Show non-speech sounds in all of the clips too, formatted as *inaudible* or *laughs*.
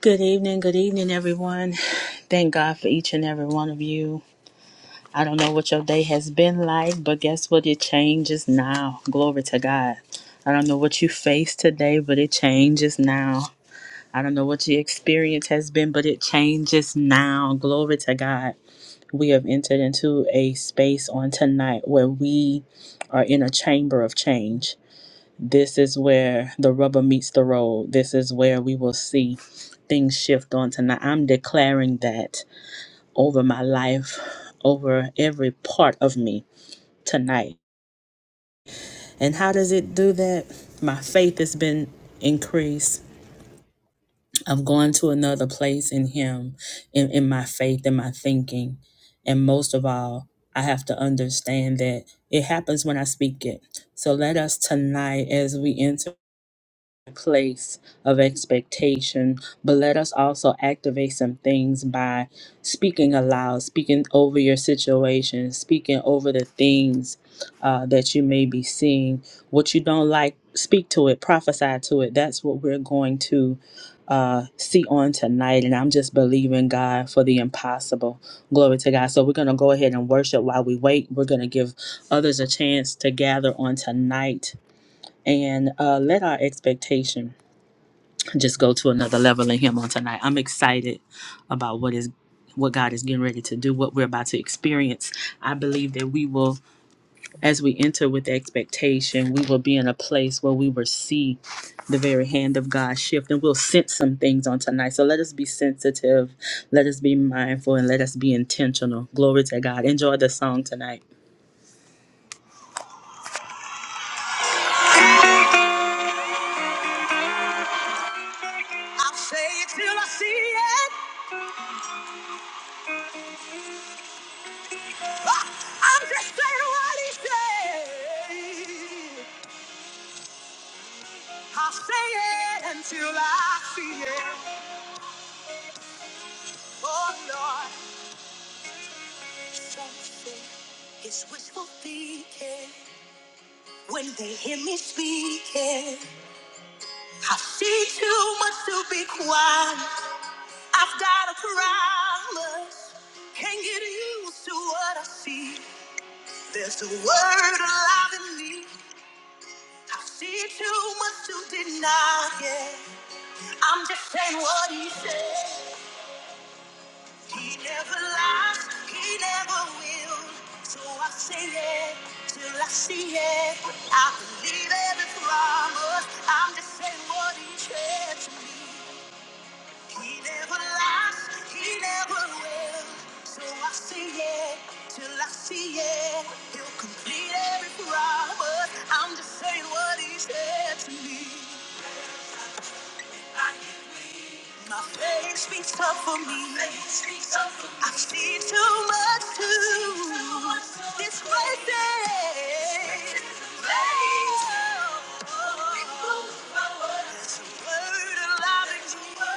Good evening, good evening, everyone. Thank God for each and every one of you. I don't know what your day has been like, but guess what? It changes now. Glory to God. I don't know what you faced today, but it changes now. I don't know what your experience has been, but it changes now. Glory to God. We have entered into a space on tonight where we are in a chamber of change this is where the rubber meets the road. This is where we will see things shift on tonight. I'm declaring that over my life, over every part of me tonight. And how does it do that? My faith has been increased. I'm going to another place in Him, in, in my faith, in my thinking. And most of all, I have to understand that it happens when I speak it. So let us tonight, as we enter. place of expectation, but let us also activate some things by speaking aloud, speaking over your situation, speaking over the things uh, that you may be seeing. What you don't like, speak to it, prophesy to it. That's what we're going to. Uh, see on tonight, and I'm just believing God for the impossible. Glory to God. So, we're going to go ahead and worship while we wait. We're going to give others a chance to gather on tonight and uh, let our expectation just go to another level in him on tonight. I'm excited about what is what God is getting ready to do, what we're about to experience. I believe that we will as we enter with expectation, we will be in a place where we will see the very hand of God shift and we'll sense some things on tonight. So let us be sensitive, let us be mindful and let us be intentional. Glory to God. Enjoy the song tonight. I'll say it till I see it. Ah, I'm just saying what he said. I'll say it until I see it. Oh Lord, something is wishful thinking. When they hear me speaking, I see too much to be quiet. I've got a promise, can't get used to what I see. There's a word alive in me. I see too much to deny. Yeah, I'm just saying what he said. He never lies, he never will. So I say it till I see it. I believe every promise. I'm just saying what he said to me. He never lies, he never will. So I say it till I see it. He'll complete every promise. I'm just saying what he said to me. I My faith speaks up for me. I've seen too much to this great day. Faith, it's a word alive in me.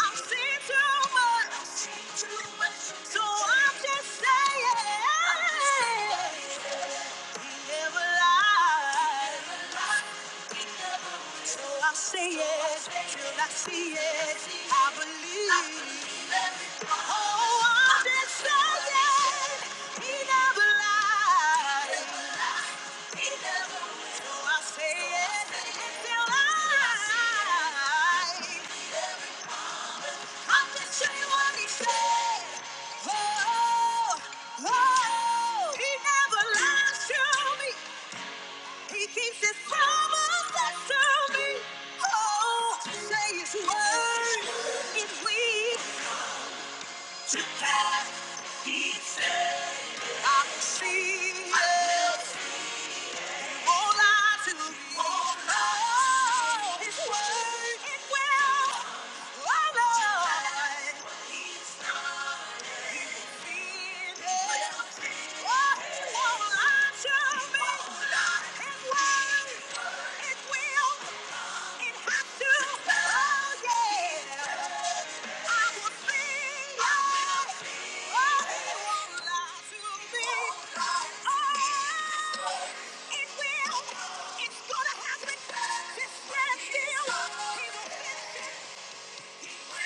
I've seen too much, so I'm just saying. He never lies. Oh, I'll say it till I see it. I believe. Oh, I'll just saying He never lied. So I'll say it until I. I'll just say what he said. Oh, oh, he never lies to me. He keeps his promise that shall me, Oh, say his word. If we to pass, he said, I will see. it. All I will Hold on to me. Hold on. His word, it will. It's gonna happen. Just let it feel. He will finish it. Oh,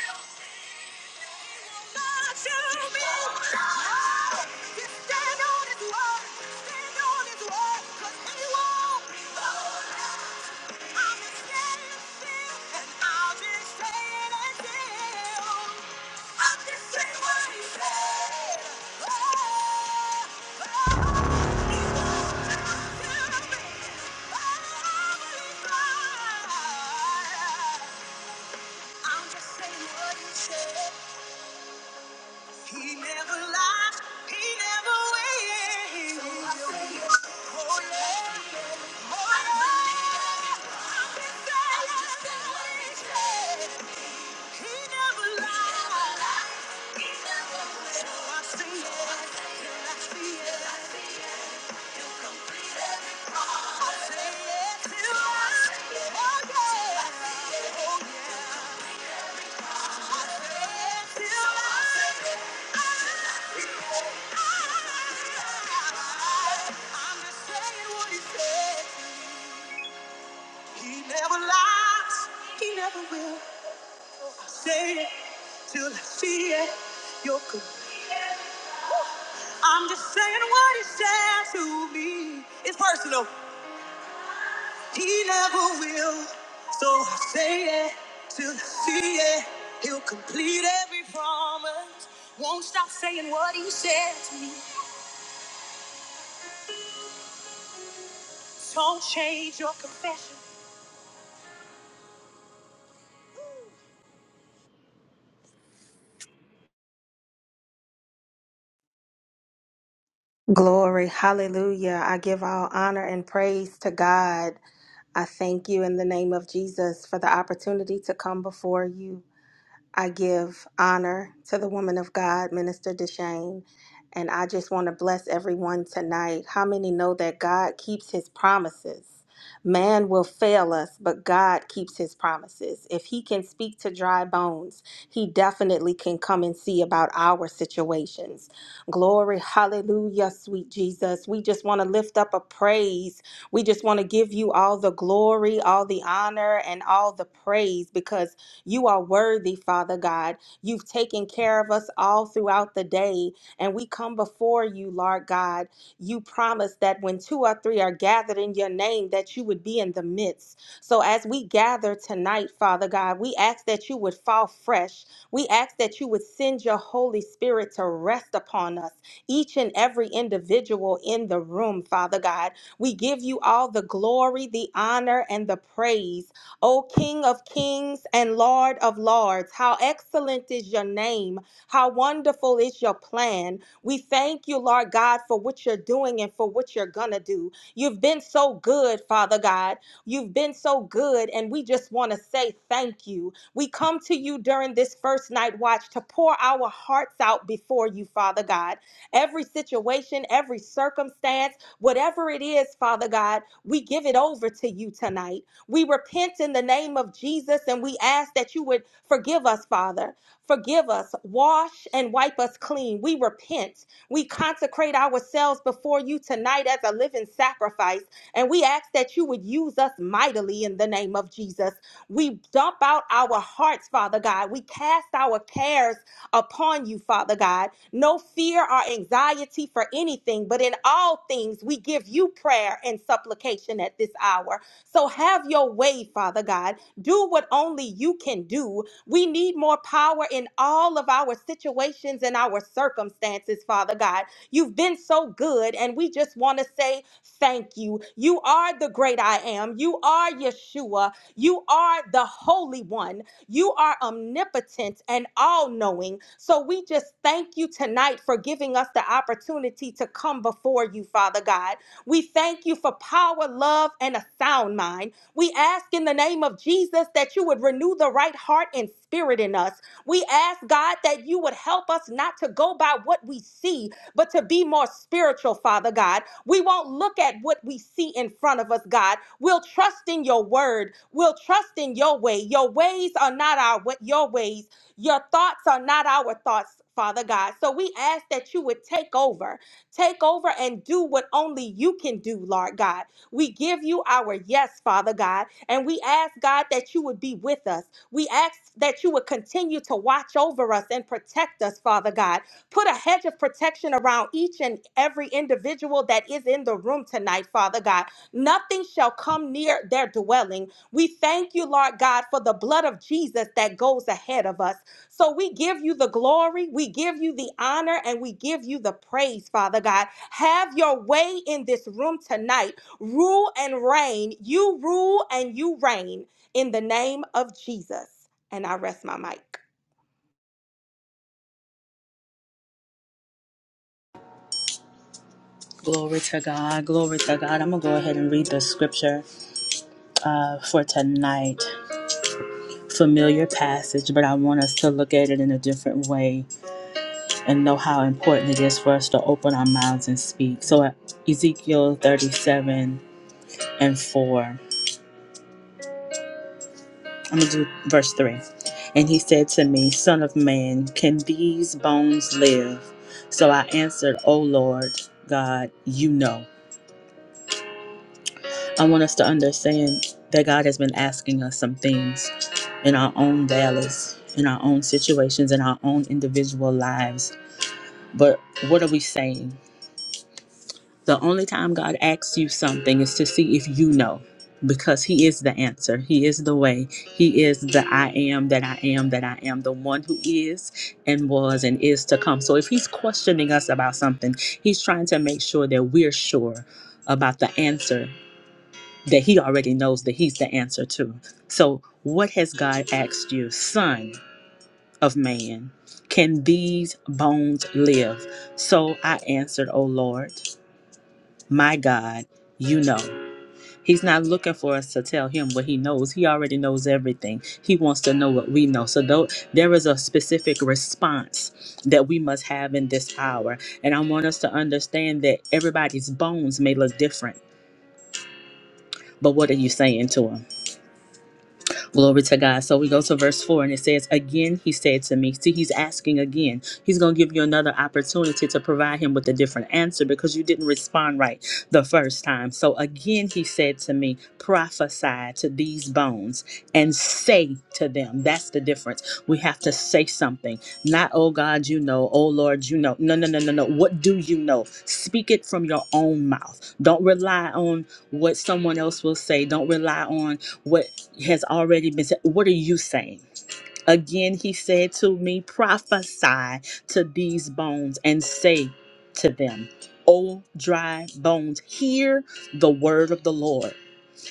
I'm just saying what he said. He never lies. He never wins. So I say, oh yeah, oh yeah. I'm just saying I'm just saying what he said. He never lies. He never wins. So I say, yeah, yeah, I see it. I see it. I say it till I, oh yeah, oh yeah. He never lies, he never will. Say it till I see it. You're good. I'm just saying what he said to me. It's personal. He never will. So I say it till I see it. He'll complete every promise. Won't stop saying what he said to me. Don't change your confession. Glory, hallelujah. I give all honor and praise to God. I thank you in the name of Jesus for the opportunity to come before you. I give honor to the woman of God, Minister Deshane, and I just want to bless everyone tonight. How many know that God keeps his promises? Man will fail us, but God keeps his promises. If he can speak to dry bones, he definitely can come and see about our situations. Glory, hallelujah, sweet Jesus. We just want to lift up a praise. We just want to give you all the glory, all the honor, and all the praise because you are worthy, Father God. You've taken care of us all throughout the day, and we come before you, Lord God. You promised that when two or three are gathered in your name, that you would be in the midst. So as we gather tonight, Father God, we ask that you would fall fresh. We ask that you would send your Holy Spirit to rest upon us, each and every individual in the room, Father God. We give you all the glory, the honor, and the praise. O King of kings and Lord of lords, how excellent is your name. How wonderful is your plan. We thank you, Lord God, for what you're doing and for what you're going to do. You've been so good, Father God. You've been so good, and we just want to say thank you. We come to you during this first night watch to pour our hearts out before you, Father God. Every situation, every circumstance, whatever it is, Father God, we give it over to you tonight. We repent in the name of Jesus and we ask that you would forgive us, Father. Forgive us, wash and wipe us clean. We repent. We consecrate ourselves before you tonight as a living sacrifice. And we ask that you would use us mightily in the name of Jesus. We dump out our hearts, Father God. We cast our cares upon you, Father God. No fear or anxiety for anything, but in all things we give you prayer and supplication at this hour. So have your way, Father God. Do what only you can do. We need more power in all of our situations and our circumstances, Father God. You've been so good, and we just want to say thank you. You are the great I am. You are Yeshua. You are the Holy One. You are omnipotent and all knowing. So we just thank you tonight for giving us the opportunity to come before you, Father God. We thank you for power, love, and a sound mind. We ask in the name of Jesus that you would renew the right heart and spirit in us. We ask, God, that you would help us not to go by what we see, but to be more spiritual, Father God. We won't look at what we see in front of us, God. We'll trust in your word. We'll trust in your way. Your ways are not our wa- your ways. Your thoughts are not our thoughts, Father God. So we ask that you would take over. Take over and do what only you can do, Lord God. We give you our yes, Father God, and we ask, God, that you would be with us. We ask that you would continue to watch over us and protect us, Father God. Put a hedge of protection around each and every individual that is in the room tonight, Father God. Nothing shall come near their dwelling. We thank you, Lord God, for the blood of Jesus that goes ahead of us. So we give you the glory, we give you the honor, and we give you the praise, Father God. Have your way in this room tonight. Rule and reign. You rule and you reign in the name of Jesus. And I rest my mic. Glory to God, glory to God. I'm going to go ahead and read the scripture uh, for tonight. Familiar passage, but I want us to look at it in a different way and know how important it is for us to open our mouths and speak. So, uh, Ezekiel 37 and 4, I'm going to do verse 3. And he said to me, Son of man, can these bones live? So I answered, O Lord God, you know. I want us to understand that God has been asking us some things in our own valleys, in our own situations, in our own individual lives. But what are we saying? The only time God asks you something is to see if you know, because He is the answer. He is the way. He is the I am that I am that I am, the one who is and was and is to come. So if He's questioning us about something, He's trying to make sure that we're sure about the answer that he already knows that he's the answer to. So, what has God asked you, son of man? Can these bones live? So I answered, O Lord, my God, you know. He's not looking for us to tell him what he knows. He already knows everything. He wants to know what we know. So though there is a specific response that we must have in this hour. And I want us to understand that everybody's bones may look different, but what are you saying to him? Glory to God. So we go to verse 4 and it says, Again, he said to me, See, he's asking again. He's going to give you another opportunity to provide him with a different answer because you didn't respond right the first time. So again, he said to me, Prophesy to these bones and say to them, That's the difference. We have to say something. Not, Oh God, you know. Oh Lord, you know. No, no, no, no, no. What do you know? Speak it from your own mouth. Don't rely on what someone else will say. Don't rely on what has already been said. What are you saying? Again, he said to me, Prophesy to these bones and say to them, O dry bones, hear the word of the Lord.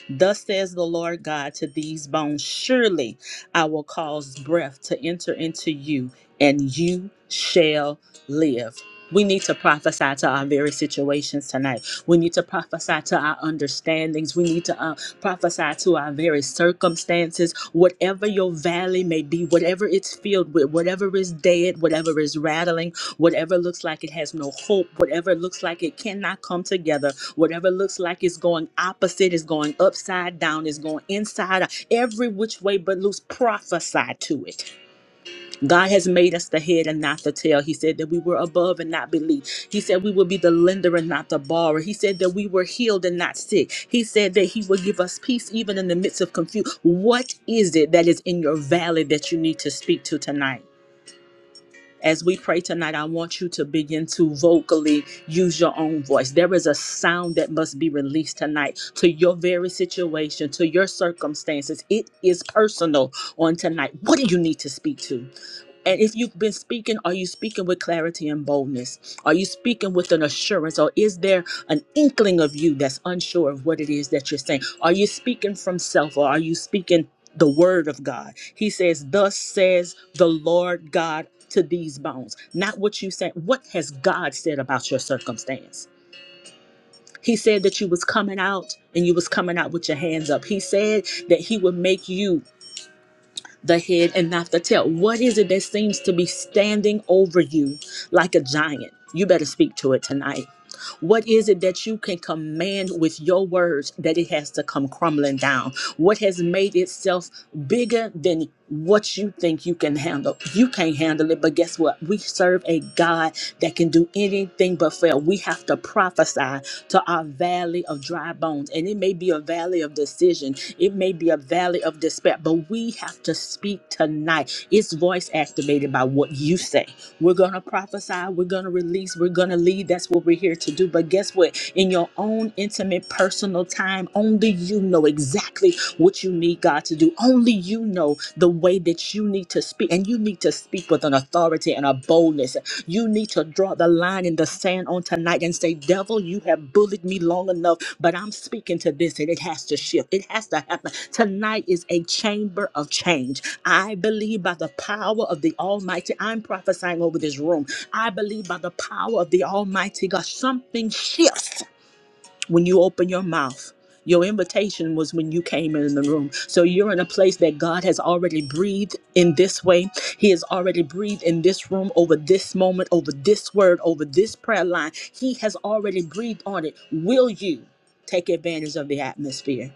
Thus says the Lord God to these bones Surely I will cause breath to enter into you, and you shall live. We need to prophesy to our very situations tonight. We need to prophesy to our understandings. We need to uh, prophesy to our very circumstances. Whatever your valley may be, whatever it's filled with, whatever is dead, whatever is rattling, Whatever looks like it has no hope, whatever looks like it cannot come together, whatever looks like it's going opposite, is going upside down, is going inside, out, every which way but loose, prophesy to it. God has made us the head and not the tail. He said that we were above and not beneath. He said we would be the lender and not the borrower. He said that we were healed and not sick. He said that He would give us peace even in the midst of confusion. What is it that is in your valley that you need to speak to tonight? As we pray tonight, I want you to begin to vocally use your own voice. There is a sound that must be released tonight to your very situation, to your circumstances. It is personal on tonight. What do you need to speak to? And if you've been speaking, are you speaking with clarity and boldness? Are you speaking with an assurance? Or is there an inkling of you that's unsure of what it is that you're saying? Are you speaking from self or are you speaking the word of God? He says, Thus says the Lord God to these bones not what you said what has god said about your circumstance he said that you was coming out and you was coming out with your hands up he said that he would make you the head and not the tail. What is it that seems to be standing over you like a giant? You better speak to it tonight. What is it that you can command with your words that it has to come crumbling down? What has made itself bigger than what you think you can handle? You can't handle it, but guess what? We serve a God that can do anything but fail. We have to prophesy to our valley of dry bones. And it may be a valley of decision, it may be a valley of despair, but we have to speak tonight. It's voice activated by what you say. We're going to prophesy, we're going to release, we're going to lead. That's what we're here to do. But guess what? In your own intimate personal time, only you know exactly what you need God to do. Only you know the way that you need to speak, and you need to speak with an authority and a boldness you need to draw the line in the sand on tonight and say, Devil, you have bullied me long enough, but I'm speaking to this and it has to shift. It has to happen. Tonight is a chamber of change. I believe by the power of the Almighty, I'm prophesying over this room. I believe by the power of the Almighty God, something shifts when you open your mouth. Your invitation was when you came in the room. So you're in a place that God has already breathed in this way. He has already breathed in this room over this moment, over this word, over this prayer line. He has already breathed on it. Will you take advantage of the atmosphere?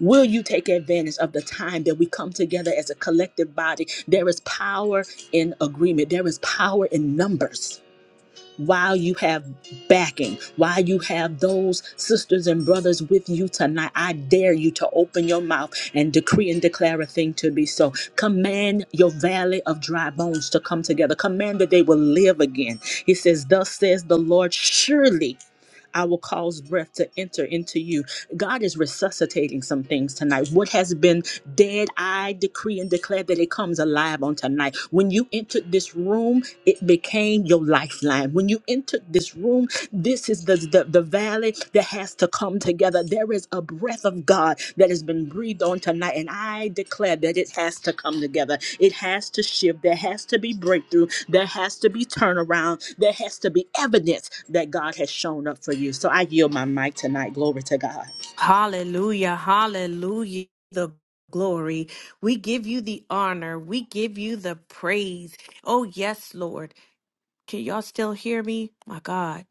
Will you take advantage of the time that we come together as a collective body? There is power in agreement, there is power in numbers while you have backing, while you have those sisters and brothers with you tonight, I dare you to open your mouth and decree and declare a thing to be so. Command your valley of dry bones to come together. Command that they will live again. He says, Thus says the Lord, surely. I will cause breath to enter into you. God is resuscitating some things tonight. What has been dead, I decree and declare that it comes alive on tonight. When you entered this room, it became your lifeline. When you entered this room, this is the, the, the valley that has us to come together. There is a breath of God that has been breathed on tonight, and I declare that it has to come together. It has to shift. There has to be breakthrough. There has to be turnaround. There has to be evidence that God has shown up for you. So I yield my mic tonight. Glory to God. Hallelujah. Hallelujah. The glory. We give you the honor. We give you the praise. Oh, yes, Lord. Can y'all still hear me? My God.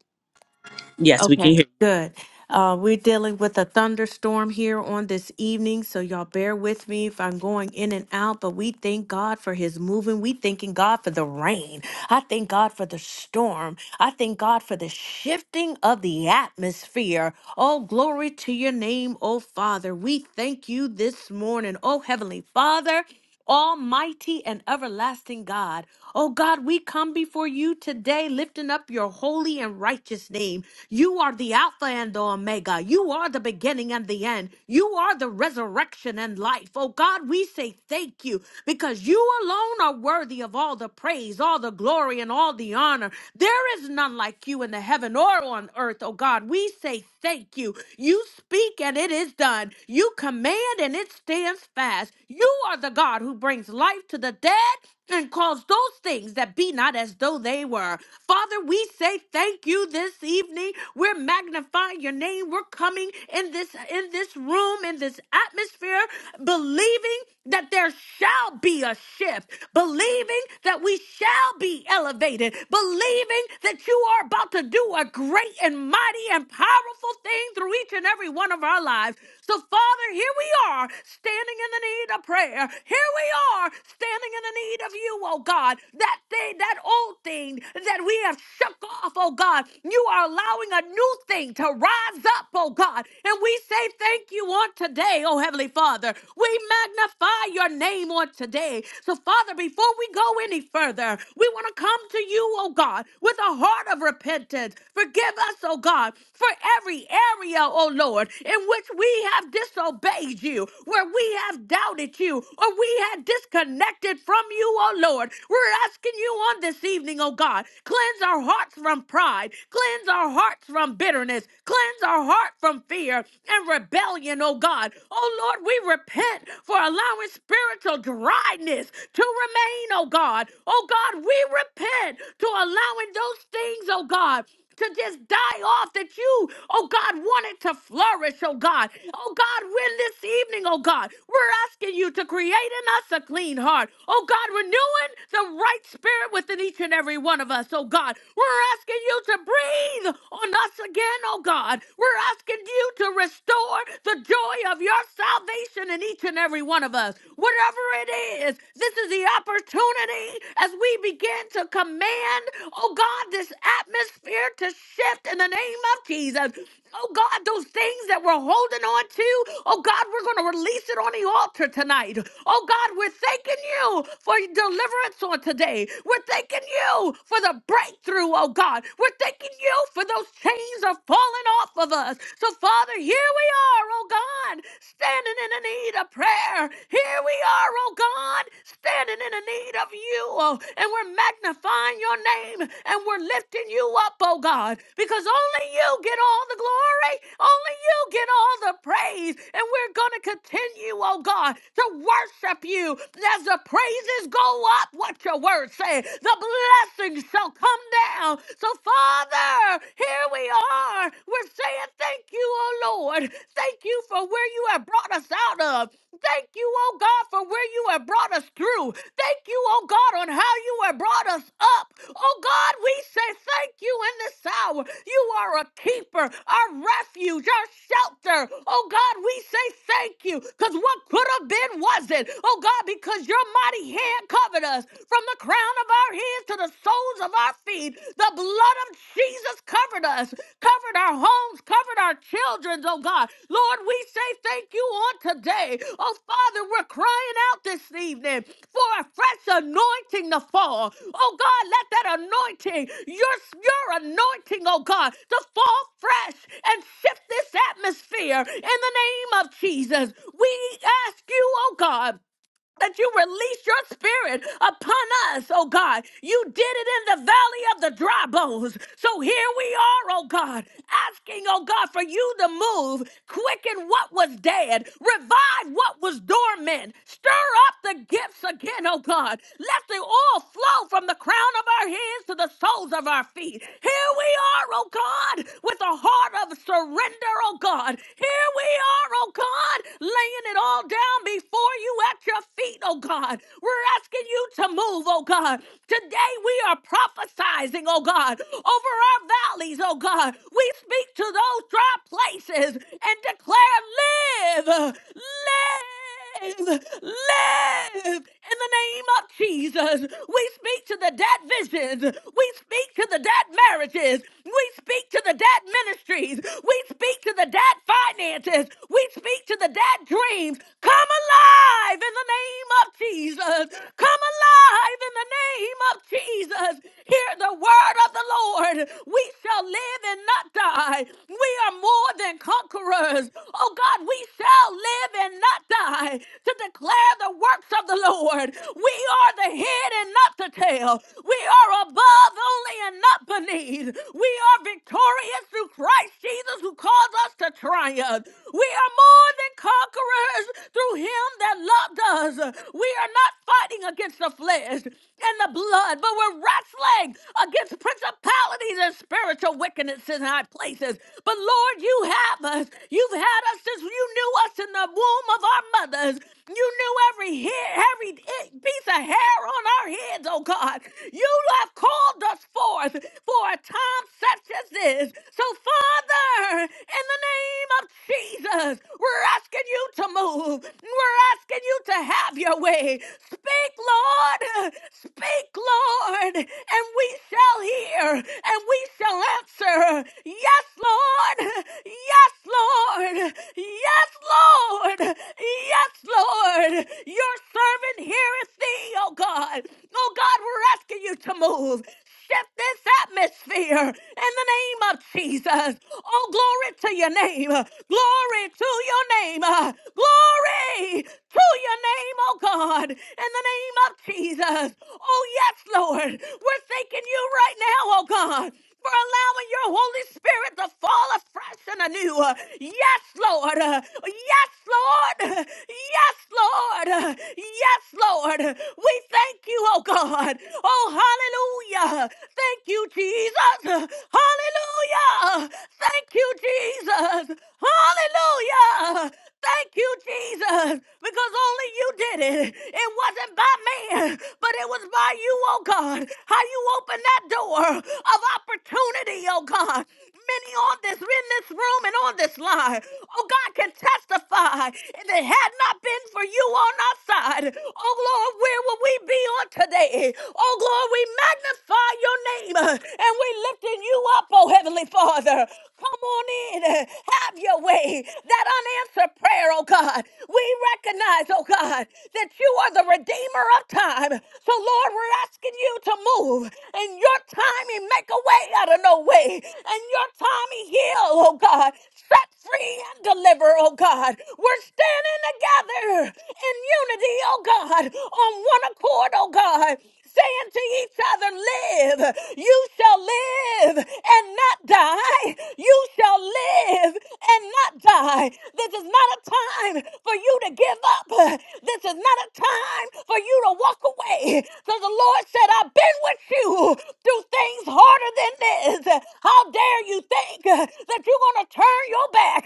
Yes, we can Okay, hear. good. Uh, we're dealing with a thunderstorm here on this evening, so y'all bear with me if I'm going in and out, but we thank God for his moving. We thanking God for the rain. I thank God for the storm. I thank God for the shifting of the atmosphere. Oh, glory to your name, oh Father. We thank you this morning, oh Heavenly Father. Almighty and everlasting God. Oh God, we come before you today lifting up your holy and righteous name. You are the Alpha and the Omega. You are the beginning and the end. You are the resurrection and life. Oh God, we say thank you because you alone are worthy of all the praise, all the glory, and all the honor. There is none like you in the heaven or on earth. Oh God, we say thank you. You speak and it is done. You command and it stands fast. You are the God who brings life to the dead and calls those things that be not as though they were. Father, we say thank you this evening. We're magnifying your name. We're coming in this in this room, in this atmosphere, believing that there shall be a shift, believing that we shall be elevated, believing that you are about to do a great and mighty and powerful thing through each and every one of our lives. So, Father, here we are standing in the the need of prayer. Here we are standing in the need of you, oh God. That thing, that old thing that we have shook off, oh God, you are allowing a new thing to rise up, oh God. And we say thank you on today, oh Heavenly Father. We magnify your name on today. So, Father, before we go any further, we want to come to you, oh God, with a heart of repentance. Forgive us, oh God, for every area, oh Lord, in in which we have disobeyed you, where we have doubted you, or we have disconnected from you, oh Lord. We're asking you on this evening, oh God, cleanse our hearts from pride, cleanse our hearts from bitterness, cleanse our heart from fear and rebellion, oh God. Oh Lord, we repent for allowing spiritual dryness to remain, oh God. Oh God, we repent to allowing those things, oh God to just die off that you, oh God, wanted to flourish, oh God. Oh God, we're this evening, oh God. We're asking you to create in us a clean heart. Oh God, renewing the right spirit within each and every one of us, oh God. We're asking you to breathe on us again, oh God. We're asking you to restore the joy of your salvation in each and every one of us. Whatever it is, this is the opportunity as we begin to come command, oh God, this atmosphere to shift in the name of Jesus. Oh God, those things that we're holding on to, oh God, we're going to release it on the altar tonight. Oh God, we're thanking you for your deliverance on today. We're thanking you for the breakthrough, oh God. We're thanking you for those chains are falling off of us. So, Father, here we are, oh God, standing in the need of prayer. Here we are, oh God, standing in the need of you, oh, and we're magnifying your name and we're lifting you up, oh God, because only you get all the glory, only you get all the praise, and we're going to continue, oh God, to worship you as the praises go up, what your word say, the blessings shall come down. So, Father, here we are. We're saying thank you, oh Lord. Thank you for where you have brought us out of. Thank you, oh God, for where you have brought us through. Thank you, oh God, on how you have brought us up. Oh God, we say thank you in this hour. You are a keeper, our refuge, our shelter. Oh God, we say thank you because what could have been wasn't. Oh God, because your mighty hand covered us from the crown of our heads to the soles of our feet. The blood of Jesus covered us covered our homes, covered our children, oh God. Lord, we say thank you on today. Oh Father, we're crying out this evening for a fresh anointing to fall. Oh God, let that anointing, your, your anointing, oh God, to fall fresh and shift this atmosphere in the name of Jesus. We ask you, oh God that you release your spirit upon us, oh God. You did it in the valley of the dry bones. So here we are, oh God, asking, oh God, for you to move, quicken what was dead, revive what was dormant, stir up the gifts again, oh God. Let the oil flow from the crown of our heads to the soles of our feet. Here we are, oh God, with a heart of surrender, oh God. Here we are, oh God, laying it all down before you at your feet, oh God. We're asking you to move, oh God. Today we are prophesizing, oh God, over our valleys, oh God. We speak to those dry places and declare, live, live live, live in the name of Jesus. We speak to the dead visions. We speak to the dead marriages. We speak to the dead ministries. We speak to the dead finances. We speak to the dead dreams. Come alive in the name of Jesus. Come alive in the name of Jesus. Hear the word of the Lord. We shall live and not die. We are more than conquerors. Oh God, we shall live and not die to declare the works of the Lord. We are the head and not the tail. We are above only and not beneath. We are victorious through Christ Jesus who calls us to triumph. We are more than conquerors through him that loved us. We are not fighting against against the flesh and the blood, but we're wrestling against principalities and spiritual wickedness in high places. But Lord, you have us. You've had us since you knew us in the womb of our mothers. You knew every hair, every piece of hair on our heads, oh God. You have called us forth for a time such as this. So, Father, in the name of Jesus, we're asking you to move. We're asking you to have your way. Speak, Lord. Speak, Lord. And we shall hear and we shall answer. Yes, Lord. Yes, Lord. Yes, Lord. Yes, Lord. Your servant heareth thee, oh God. Oh God, we're asking you to move shift this atmosphere in the name of Jesus. Oh, glory to your name. Glory to your name. Glory to your name, oh God, in the name of Jesus. Oh, yes, Lord. We're thanking you right now, oh God for allowing your Holy Spirit to fall afresh and anew. Uh, Yes, Lord. Uh, Yes, Lord. Uh, Yes, Lord. Uh, Yes, Lord. Uh, We thank you, oh God. Oh, hallelujah. Thank you, Jesus. Uh, Hallelujah. Thank you, Jesus. Hallelujah. Thank you, Jesus, because only you did it. It wasn't by man, but it was by you, oh God. How you opened that door of opportunity, oh God. Many on this in this room and on this line, oh God, can testify. If it had not been for you on our side, oh Lord, where would we be on today? Oh Lord, we magnify your name uh, and we lifting you up, oh Heavenly Father. Come on in, uh, have your way that unanswered prayer, oh God. We recognize, oh God, that you are the redeemer of time. So, Lord, we're asking you to move. In your timing, make a way out of no way. In your timing, heal, oh God. Set free and deliver, oh God. We're standing together in unity, oh God, on one accord, oh God saying to each other, Live, you shall live and not die. You shall live and not die. This is not a time for you to give up. This is not a time for you to walk away. So the Lord said, I've been with you through things harder than this. How dare you think that you're going to turn your back?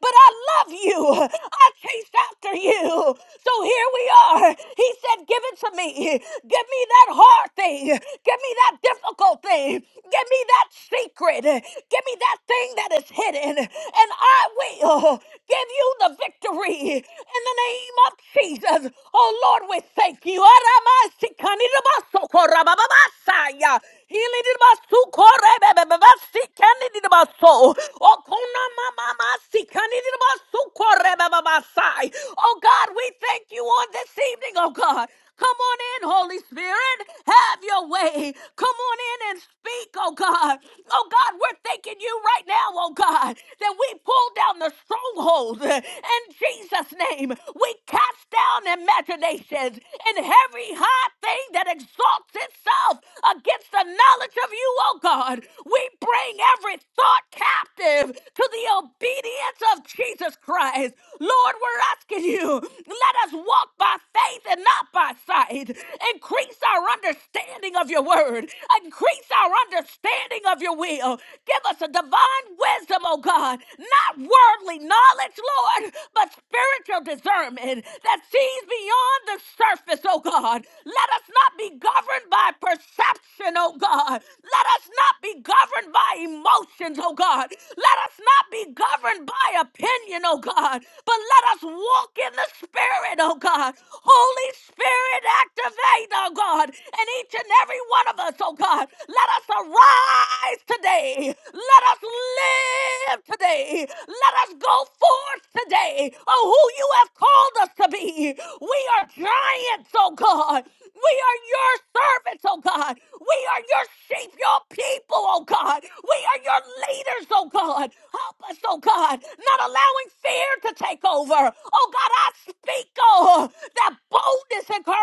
But I love you. I chased after you. So here we are. He said, Give it to me. Give me that hard thing. Give me that difficult thing. Give me that secret. Give me that thing that is hidden. And I will give you the victory in the name of Jesus. Oh Lord, we thank you. Aramasikanidabasokorabababasaya. Hilidibasukorebebebebasikanidibasoo. Okunamamamasikanidibasukorebebebasai. Oh God, we thank you on this evening, oh God. Come on in, Holy Spirit. Have your way. Come on in and speak, oh God. Oh God, we're thanking you right now, oh God, that we pull down the strongholds in Jesus' name. We cast down imaginations and every high thing that exalts itself against the knowledge of you, oh God. We bring every thought captive to the obedience of Jesus Christ. Lord, we're asking you, let us walk by faith and not by sight pride. Increase our understanding of your word. Increase our understanding of your will. Give us a divine wisdom, oh God, not worldly knowledge, Lord, but spiritual discernment that sees beyond the surface, oh God. Let us not be governed by perception, oh God. Let us not be governed by emotions, oh God. Let us not be governed by opinion, oh God, but let us walk in the Spirit, oh God. Holy Spirit. Spirit activate, oh God, and each and every one of us, oh God. Let us arise today. Let us live today. Let us go forth today of who you have called us to be. We are giants, oh God. We are your servants, oh God. We are your sheep, your people, oh God. We are your leaders, oh God. Help us, oh God, not allowing fear to take over. Oh God, I speak, oh, that boldness boldness and cour-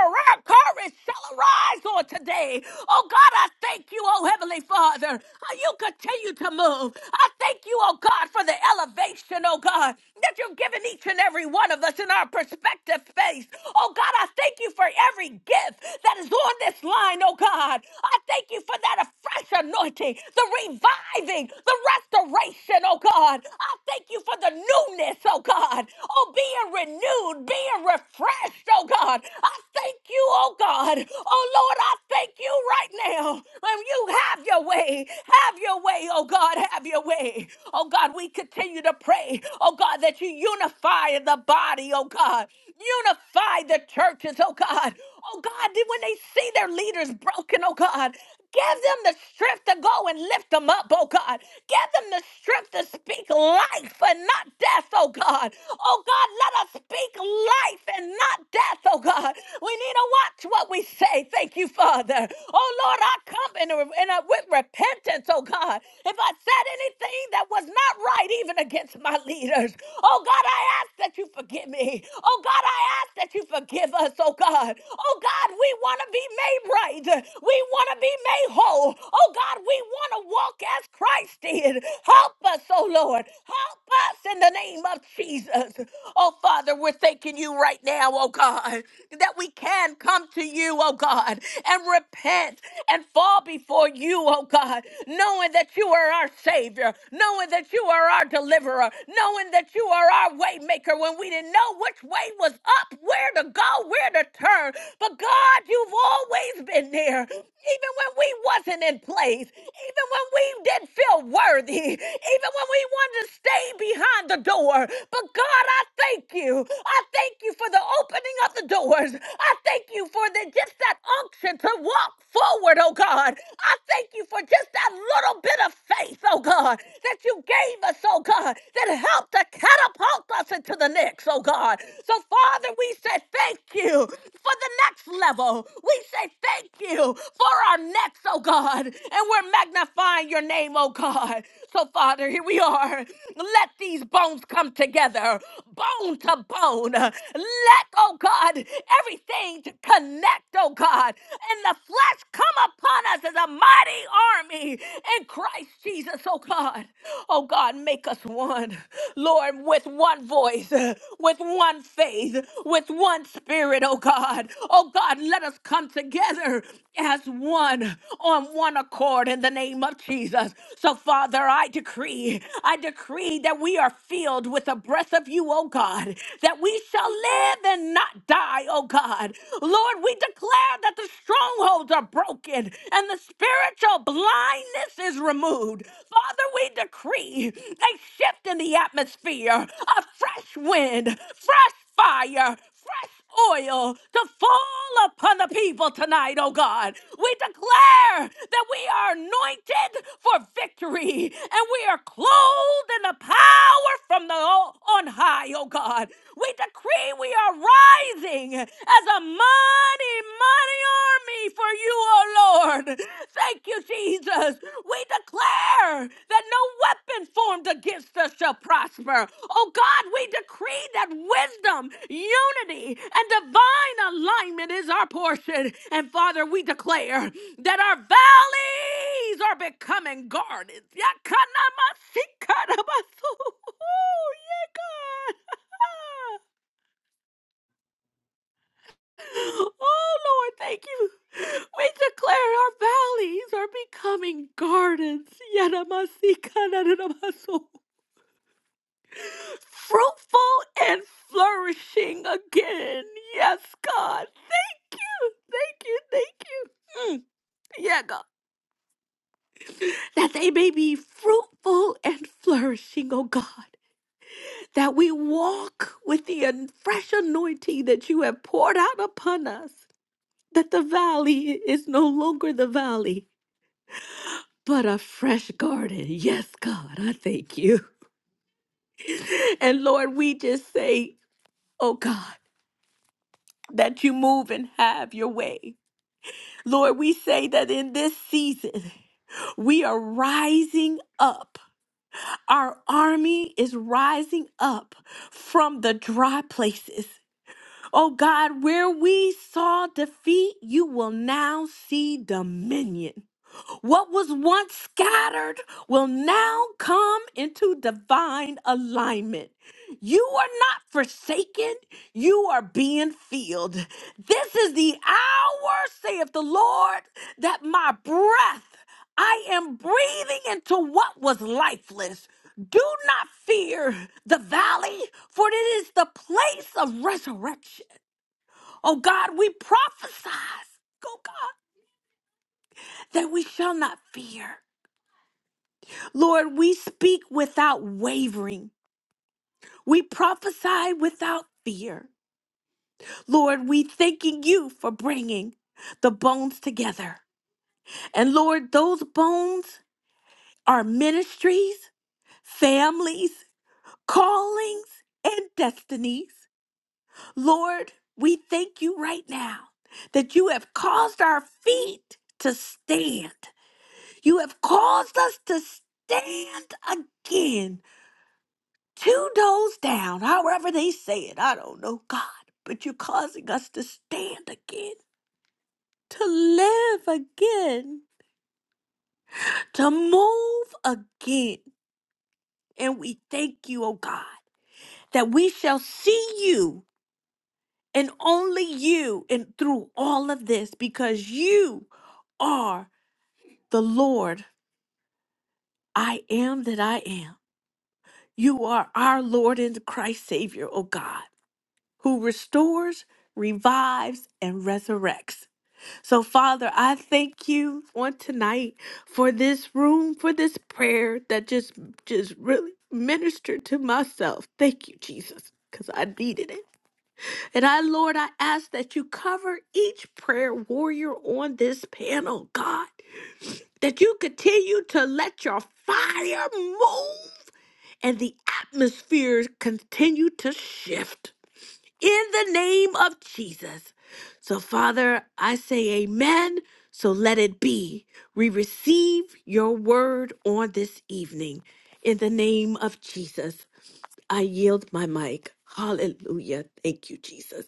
courage shall arise on today. Oh God, I thank you, oh Heavenly Father. How you continue to move. I thank you, oh God, for the elevation, oh God, that you've given each and every one of us in our perspective space. Oh God, I thank you for every gift that is on this line, oh God. I thank you for that fresh anointing, the reviving, the restoration, oh God. I thank you for the newness, oh God. Oh, being renewed, being refreshed, oh God. I thank you, oh God. Oh Lord, I thank you right now. Um, you have your way. Have your way, oh God. Have your way. Oh God, we continue to pray, oh God, that you unify the body, oh God. Unify the churches, oh God. Oh God, then when they see their leaders broken, oh God, give them the strength to go and lift them up, oh God. Give them the strength to speak life and not death, oh God. Oh God, let us speak life and not death, oh God. We need to watch what we say. Thank you, Father. Oh Lord, I come in, a, in a, with repentance, oh God. If I said anything that was not right, even against my leaders, oh God, I ask that you forgive me. Oh God, I ask that you forgive us, oh God. Oh God, we want to be made right. We want to be made whole. Oh God, we want to walk as Christ did. Help us, oh Lord. Help us in the name of Jesus. Oh Father, we're thanking you right now, oh God, that we can come to you, oh God, and repent and fall before you, oh God, knowing that you are our Savior, knowing that you are our deliverer, knowing knowing that you are our way maker when we didn't know which way was up, where to go, where to turn. But God, you've always been there. Even when we wasn't in place, even when we didn't feel worthy, even when we wanted to stay behind the door. But God, I thank you. I thank you for the opening of the doors. I thank you for the just that unction to walk forward, oh God. I thank you for just that little bit of faith, oh God. God, that you gave us, oh God, that helped to catapult us into the next, oh God. So, Father, we say thank you for the next level. We say thank you for our next, oh God. And we're magnifying your name, oh God. So, Father, here we are. Let these bones come together, bone to bone. Let, oh God, everything to connect, oh God. And the flesh come upon us as a mighty mighty army in Christ Jesus, oh God. Oh God, make us one, Lord, with one voice, with one faith, with one spirit, oh God. Oh God, let us come together as one on one accord in the name of Jesus. So, Father, I decree, I decree that we are filled with the breath of you, oh God, that we shall live and not die, oh God. Lord, we declare that that the strongholds are broken and the spiritual blindness is removed. Father, we decree a shift in the atmosphere, a fresh wind, fresh fire, fresh oil to fall upon the people tonight, oh God. We declare that we are anointed for victory and we are clothed in the power from the on high, oh God. We decree we are tithing as a mighty, mighty army for you, O Lord. Thank you, Jesus. We declare that no weapon formed against us shall prosper. Oh God, we decree that wisdom, unity, and divine alignment is our portion. And Father, we declare that our valleys are becoming gardens. Yakanamasikanamasu. *laughs* Oh, yeah, God. *laughs* Oh, Lord, thank you. We declare our valleys are becoming gardens. Yanamasikanadamaso. Fruitful and flourishing again. Yes, God. Thank you, thank you. Mm, yeah, God. That they may be fruitful and flourishing, oh God. That we walk with the an- fresh anointing that you have poured out upon us. That the valley is no longer the valley but a fresh garden. Yes, God, I thank you. *laughs* And Lord, we just say, oh God, that you move and have your way. Lord, we say that in this season, we are rising up. Our army is rising up from the dry places. Oh God, where we saw defeat, you will now see dominion. What was once scattered will now come into divine alignment. You are not forsaken, you are being filled. This is the hour, saith the Lord, that my breath I am breathing into what was lifeless. Do not fear the valley, for it is the place of resurrection. Oh God, we prophesy, oh God, that we shall not fear. Lord, we speak without wavering. We prophesy without fear. Lord, we thanking you for bringing the bones together. And Lord, those bones are ministries, families, callings, and destinies. Lord, we thank you right now that you have caused our feet to stand. You have caused us to stand again two doors down, however they say it. I don't know, God, but you're causing us to stand again, to live again, to move again. And we thank you, oh God, that we shall see you and only you and through all of this because you are the Lord. I am that I am. You are our Lord and Christ Savior, O God, who restores, revives, and resurrects. So, Father, I thank you on tonight for this room, for this prayer that just just really ministered to myself. Thank you, Jesus. Because I needed it. And I, Lord, I ask that you cover each prayer warrior on this panel, God, that you continue to let your fire move and the atmosphere continue to shift in the name of Jesus. So, Father, I say amen. So let it be. We receive your word on this evening. In the name of Jesus, I yield my mic. Hallelujah. Thank you, Jesus.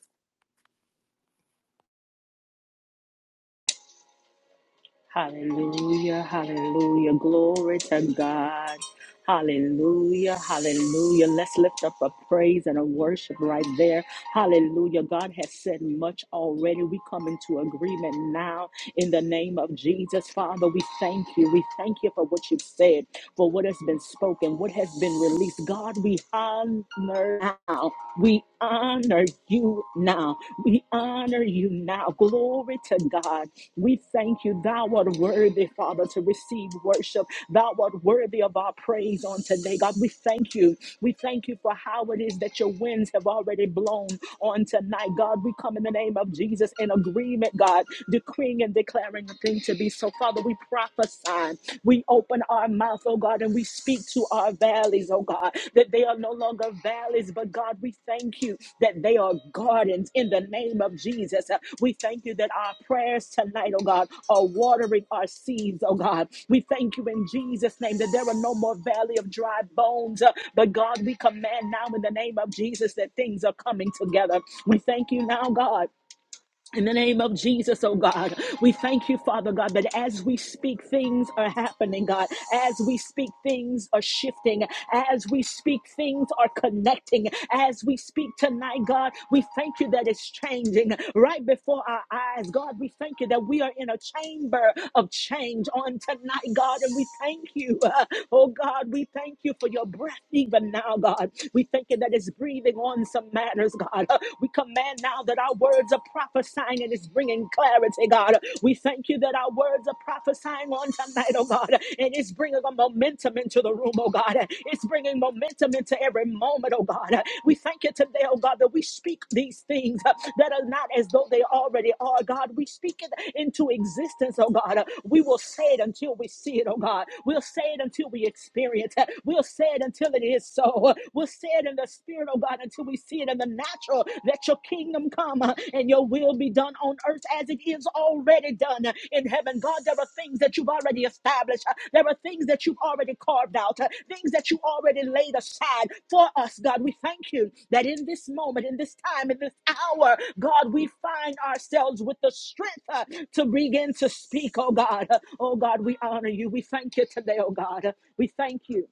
Hallelujah, hallelujah. Glory to God. Hallelujah, hallelujah. Let's lift up a praise and a worship right there. Hallelujah. God has said much already. We come into agreement now in the name of Jesus. Father, we thank you. We thank you for what you've said, for what has been spoken, what has been released. God, we honor now. We honor you now. We honor you now. Glory to God. We thank you, thou art worthy, Father, to receive worship. Thou art worthy of our praise on today. God, we thank you. We thank you for how it is that your winds have already blown on tonight. God, we come in the name of Jesus in agreement, God, decreeing and declaring the thing to be. So, Father, we prophesy. We open our mouth, oh God, and we speak to our valleys, oh God, that they are no longer valleys, but God, we thank you that they are gardens in the name of Jesus. Uh, We thank you that our prayers tonight, oh God, are watering our seeds, oh God. We thank you in Jesus' name that there are no more valley of dry bones, uh, but God, we command now in the name of Jesus that things are coming together. We thank you now, God in the name of Jesus, oh God, we thank you, Father God, that as we speak, things are happening, God. As we speak, things are shifting. As we speak, things are connecting. As we speak tonight, God, we thank you that it's changing right before our eyes. God, we thank you that we are in a chamber of change on tonight, God, and we thank you. *laughs* uh, oh God, we thank you for your breath even now, God. We thank you that it's breathing on some matters, God. God. We command now that our words are prophesying and it's bringing clarity, God. We thank you that our words are prophesying on tonight, oh God, and it's bringing a momentum into the room, oh God. It's bringing momentum into every moment, oh God. We thank you today, oh God, that we speak these things uh, that are not as though they already are, God. We speak it into existence, oh God. Uh, We will say it until we see it, oh God. We'll say it until we experience it. We'll say it until it is so. Uh, We'll say see it in the spirit, oh God, until we see it in the natural. Let your kingdom come uh, and your will be done on earth as it is already done uh, in heaven. God, there are things that you've already established. Uh, There are things that you've already carved out, uh, things that you already laid aside for us, God. We thank you that in this moment, in this time, in this hour, God, we find ourselves with the strength uh, to begin to speak, oh God. Uh, Oh God, we honor you. We thank you today, oh God. Uh, We thank you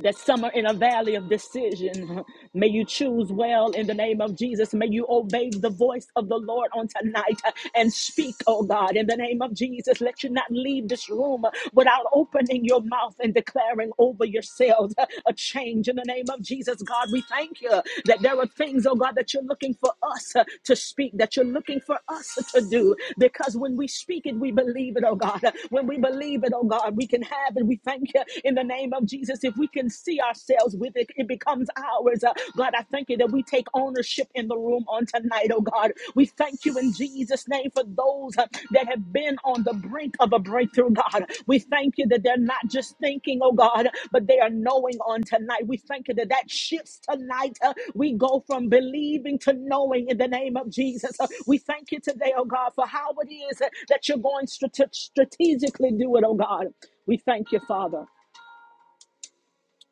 that some are in a valley of decision. *laughs* May you choose well in the name of Jesus. May you obey the voice of the Lord on tonight uh, and speak, oh God, in the name of Jesus. Let you not leave this room uh, without opening your mouth and declaring over yourselves uh, a change in the name of Jesus. God, we thank you that there are things, oh God, that you're looking for us uh, to speak, that you're looking for us to do, because when we speak it, we believe it, oh God. When we believe it, oh God, we can have it. We thank you in the name of of Jesus, if we can see ourselves with it, it becomes ours. Uh, God, I thank you that we take ownership in the room on tonight, oh God. We thank you in Jesus' name for those uh, that have been on the brink of a breakthrough, God. We thank you that they're not just thinking, oh God, but they are knowing on tonight. We thank you that that shifts tonight. Uh, we go from believing to knowing in the name of Jesus. Uh, we thank you today, oh God, for how it is uh, that you're going strate- strategically do it, oh God. We thank you, Father.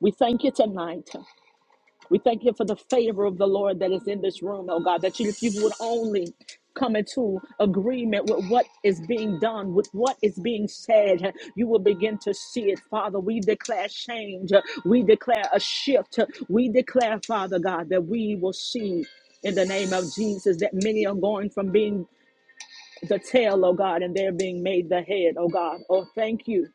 We thank you tonight. We thank you for the favor of the Lord that is in this room, oh God, that you, if you would only come into agreement with what is being done, with what is being said, you will begin to see it, Father. We declare change. We declare a shift. We declare, Father God, that we will see in the name of Jesus that many are going from being the tail, oh God, and they're being made the head, oh God. Oh, thank you.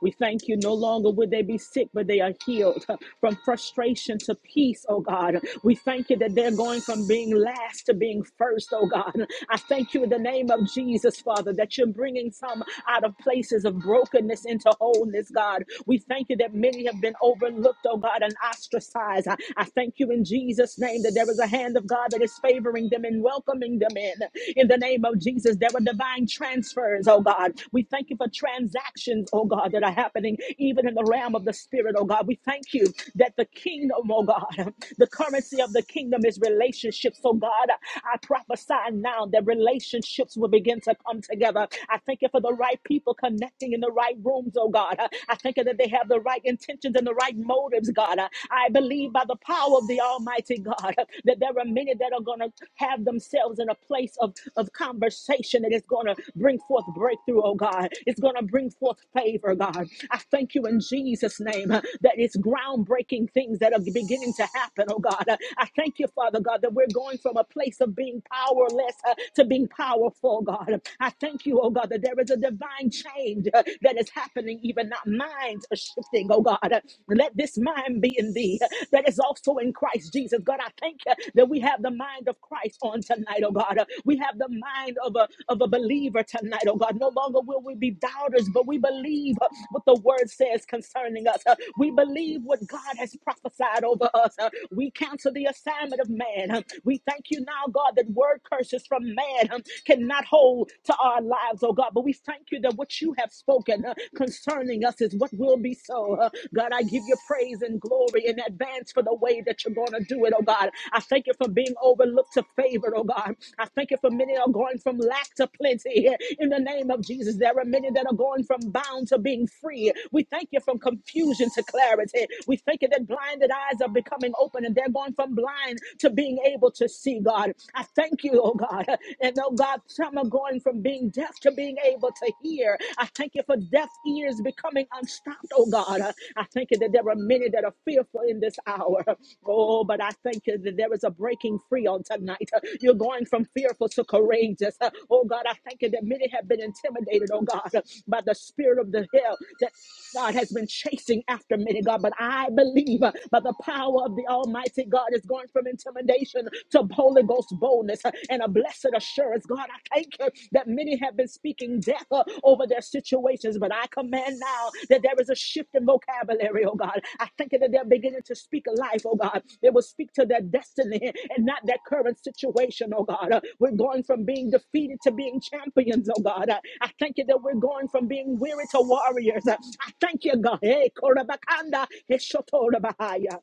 We thank you. No longer would they be sick, but they are healed from frustration to peace, oh God. We thank you that they're going from being last to being first, oh God. I thank you in the name of Jesus, Father, that you're bringing some out of places of brokenness into wholeness, God. We thank you that many have been overlooked, oh God, and ostracized. I, I thank you in Jesus' name that there is a hand of God that is favoring them and welcoming them in. In the name of Jesus, there are divine divine transfers, oh God. We thank you for transactions, oh God, that are happening even in the realm of the spirit, oh God. We thank you that the kingdom, oh God, the currency of the kingdom is relationships, oh God. I prophesy now that relationships will begin to come together. I thank you for the right people connecting in the right rooms, oh God. I thank you that they have the right intentions and the right motives, God. I believe by the power of the Almighty God that there are many that are going to have themselves in a place of, of conversation that is going to bring forth breakthrough, oh God. It's going to bring forth favor, God. I thank you in Jesus' name uh, that it's groundbreaking things that are beginning to happen, oh God. Uh, I thank you, Father God, that we're going from a place of being powerless uh, to being powerful, God. I thank you, oh God, that there is a divine change uh, that is happening, even now. Minds are shifting, oh God. Uh, Let this mind be in thee that is also in Christ Jesus. God, I thank you that we have the mind of Christ on tonight, oh God. Uh, We have the mind of a, of a believer tonight, oh God. No longer will we be doubters, but we believe uh, what the word says concerning us. Uh, We believe what God has prophesied over us. Uh, We cancel the assignment of man. Um, We thank you now, God, that word curses from man um, cannot hold to our lives, oh God. But we thank you that what you have spoken uh, concerning telling us is what will be so. Uh, God, I give you praise and glory in advance for the way that you're going to do it, oh God. I thank you for being overlooked to favored, oh God. I thank you for many that are going from lack to plenty. In the name of Jesus, there are many that are going from bound to being free. We thank you from confusion to clarity. We thank you that blinded eyes are becoming open and they're going from blind to being able to see, God. I thank you, oh God. And oh God, some are going from being being deaf to being able to hear. I thank you for deaf ears becoming unstopped, oh God. I thank you that there are many that are fearful in this hour. Oh, but I thank you that there is a breaking free on tonight. You're going from fearful to courageous. Oh God, I thank you that many have been intimidated, oh God, by the spirit of the hell that God has been chasing after many, God. But I believe uh, by the power of the Almighty God is going from intimidation to boldly Ghost boldness uh, and a blessed assurance. God, I thank you that many have been speaking death uh, over their situations, but I command now that there is a shift in vocabulary, oh God. I thank you that they're beginning to speak life, oh God. They will speak to their destiny and not their current situation, oh God. Uh, We're going from being defeated to being champions, oh God. Uh, I thank you that we're going from being weary to warriors. Uh, I thank you, God. Hey, Korabakanda, Heshotorabahaya.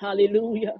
Hallelujah.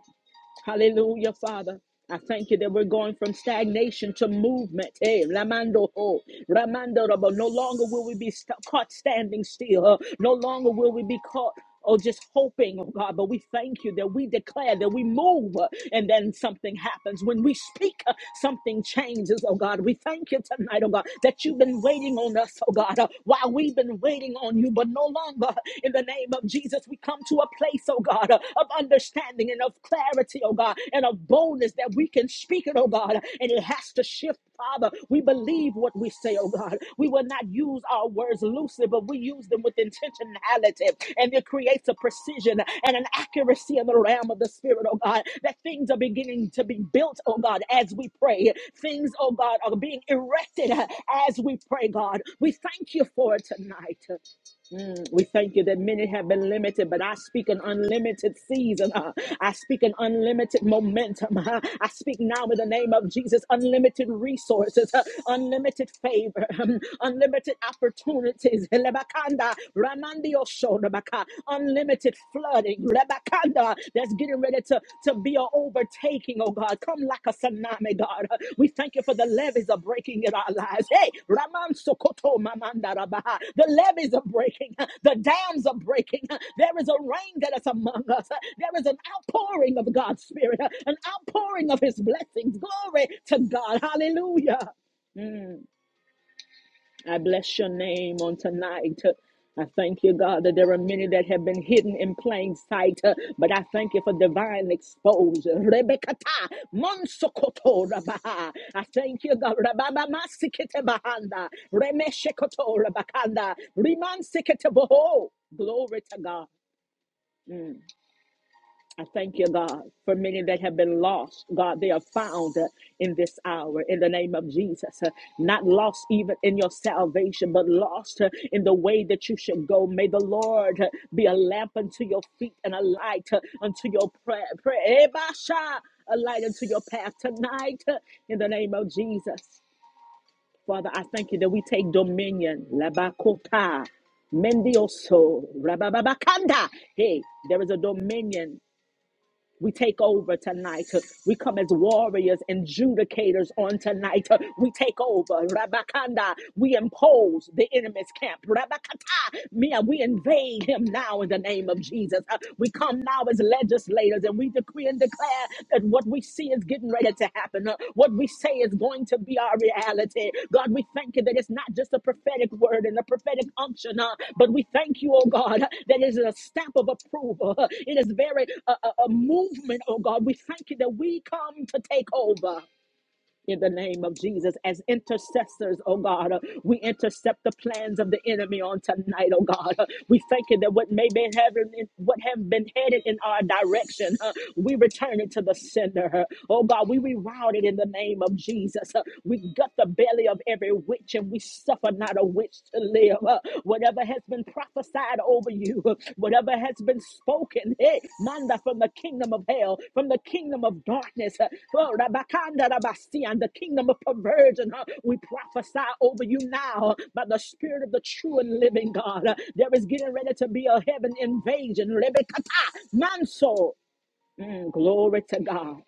Hallelujah, Father. I thank you that we're going from stagnation to movement. Hey, Lamando ho, Ramando rabo. No longer will we be st- caught standing still. huh? No longer will we be caught. Oh, just hoping, oh God, but we thank you that we declare that we move uh, and then something happens. When we speak, uh, something changes, oh God. We thank you tonight, oh God, that you've been waiting on us, oh God, uh, while we've been waiting on you, but no longer in the name of Jesus, we come to to a place, oh God, uh, of understanding and of clarity, oh God, and of boldness that we can speak it, oh God, and it has to shift, Father. We believe what we say, oh God. We will not use our words loosely, but we use them with intentionality, and it creates a precision and an accuracy in the realm of the Spirit, oh God, that things are beginning to be built, oh God, as we pray. Things, oh God, are being erected uh, as we pray, God. We thank you for it tonight. We thank you that many have been limited, but I speak an unlimited season. *laughs* uh, I speak an unlimited momentum. *laughs* uh, I speak now in the name of Jesus unlimited resources, *laughs* uh, unlimited favor, *laughs* um, unlimited opportunities. *laughs* Lebakanda, Ramandio Shodabaka, Unlimited flooding. Lebakanda, that's getting ready to to be an overtaking, oh God. Come like a tsunami, God. We thank you for the levees are breaking in our lives. Hey, Raman Sokoto Mamanda Rabaha. The levees are breaking. The dams are breaking. There is a rain that is among us. There is an outpouring of God's Spirit, an outpouring of His blessings. Glory to God. Hallelujah. I bless your name on tonight. I thank you, God, that there are many that have been hidden in plain sight, uh, but I thank you for divine exposure. Rebekata, monsokoto rabaha. I thank you, God. Rababa masikete bahanda, remeshekoto rabakanda, rimansikete boho. Glory to God. I thank you, God, for many that have been lost. God, they are found uh, in this hour in the name of Jesus. Uh, Not lost even in your salvation, but lost uh, in the way that you should go. May the Lord uh, be a lamp unto your feet and a light uh, unto your prayer. Pray, Ebasha, A light unto your path tonight uh, in the name of Jesus. Father, I thank you that we take dominion. Labakota. Mendioso, Rababakanda. Hey, there is a dominion we take over tonight. We come as warriors and judicators on tonight. We take over. Rabakanda. We impose the enemy's camp. Rabakata. Mia, we invade him now in the name of Jesus. Uh, We come now as legislators and we decree and declare that what we we see is getting ready to happen. Uh, What we say is going to be our reality. God, we thank you that it's not just a prophetic word and a prophetic unction, uh, but we thank you, oh God, that it is a stamp of approval. Uh, It is very uh, a, a movement, oh God. We thank you that we come to take over in the name of Jesus. As intercessors, oh God, uh, we intercept the plans of the enemy on tonight, oh God. Uh, we thank you that what may be having, what have been headed in our direction, uh, we return it to the sender. uh, oh God, we reroute it in the name of Jesus. uh, we gut the belly of every witch and we suffer not a witch to live. uh, whatever has been prophesied over you, whatever has been spoken, hey, manda from the kingdom of hell, from the kingdom of darkness, uh, oh, rabakanda rabasi, and the kingdom of perversion, uh, we prophesy over you now by the spirit of the true and living God. Uh, There is getting ready to be a heaven invasion. Rebekata, manso. Mm, glory to God.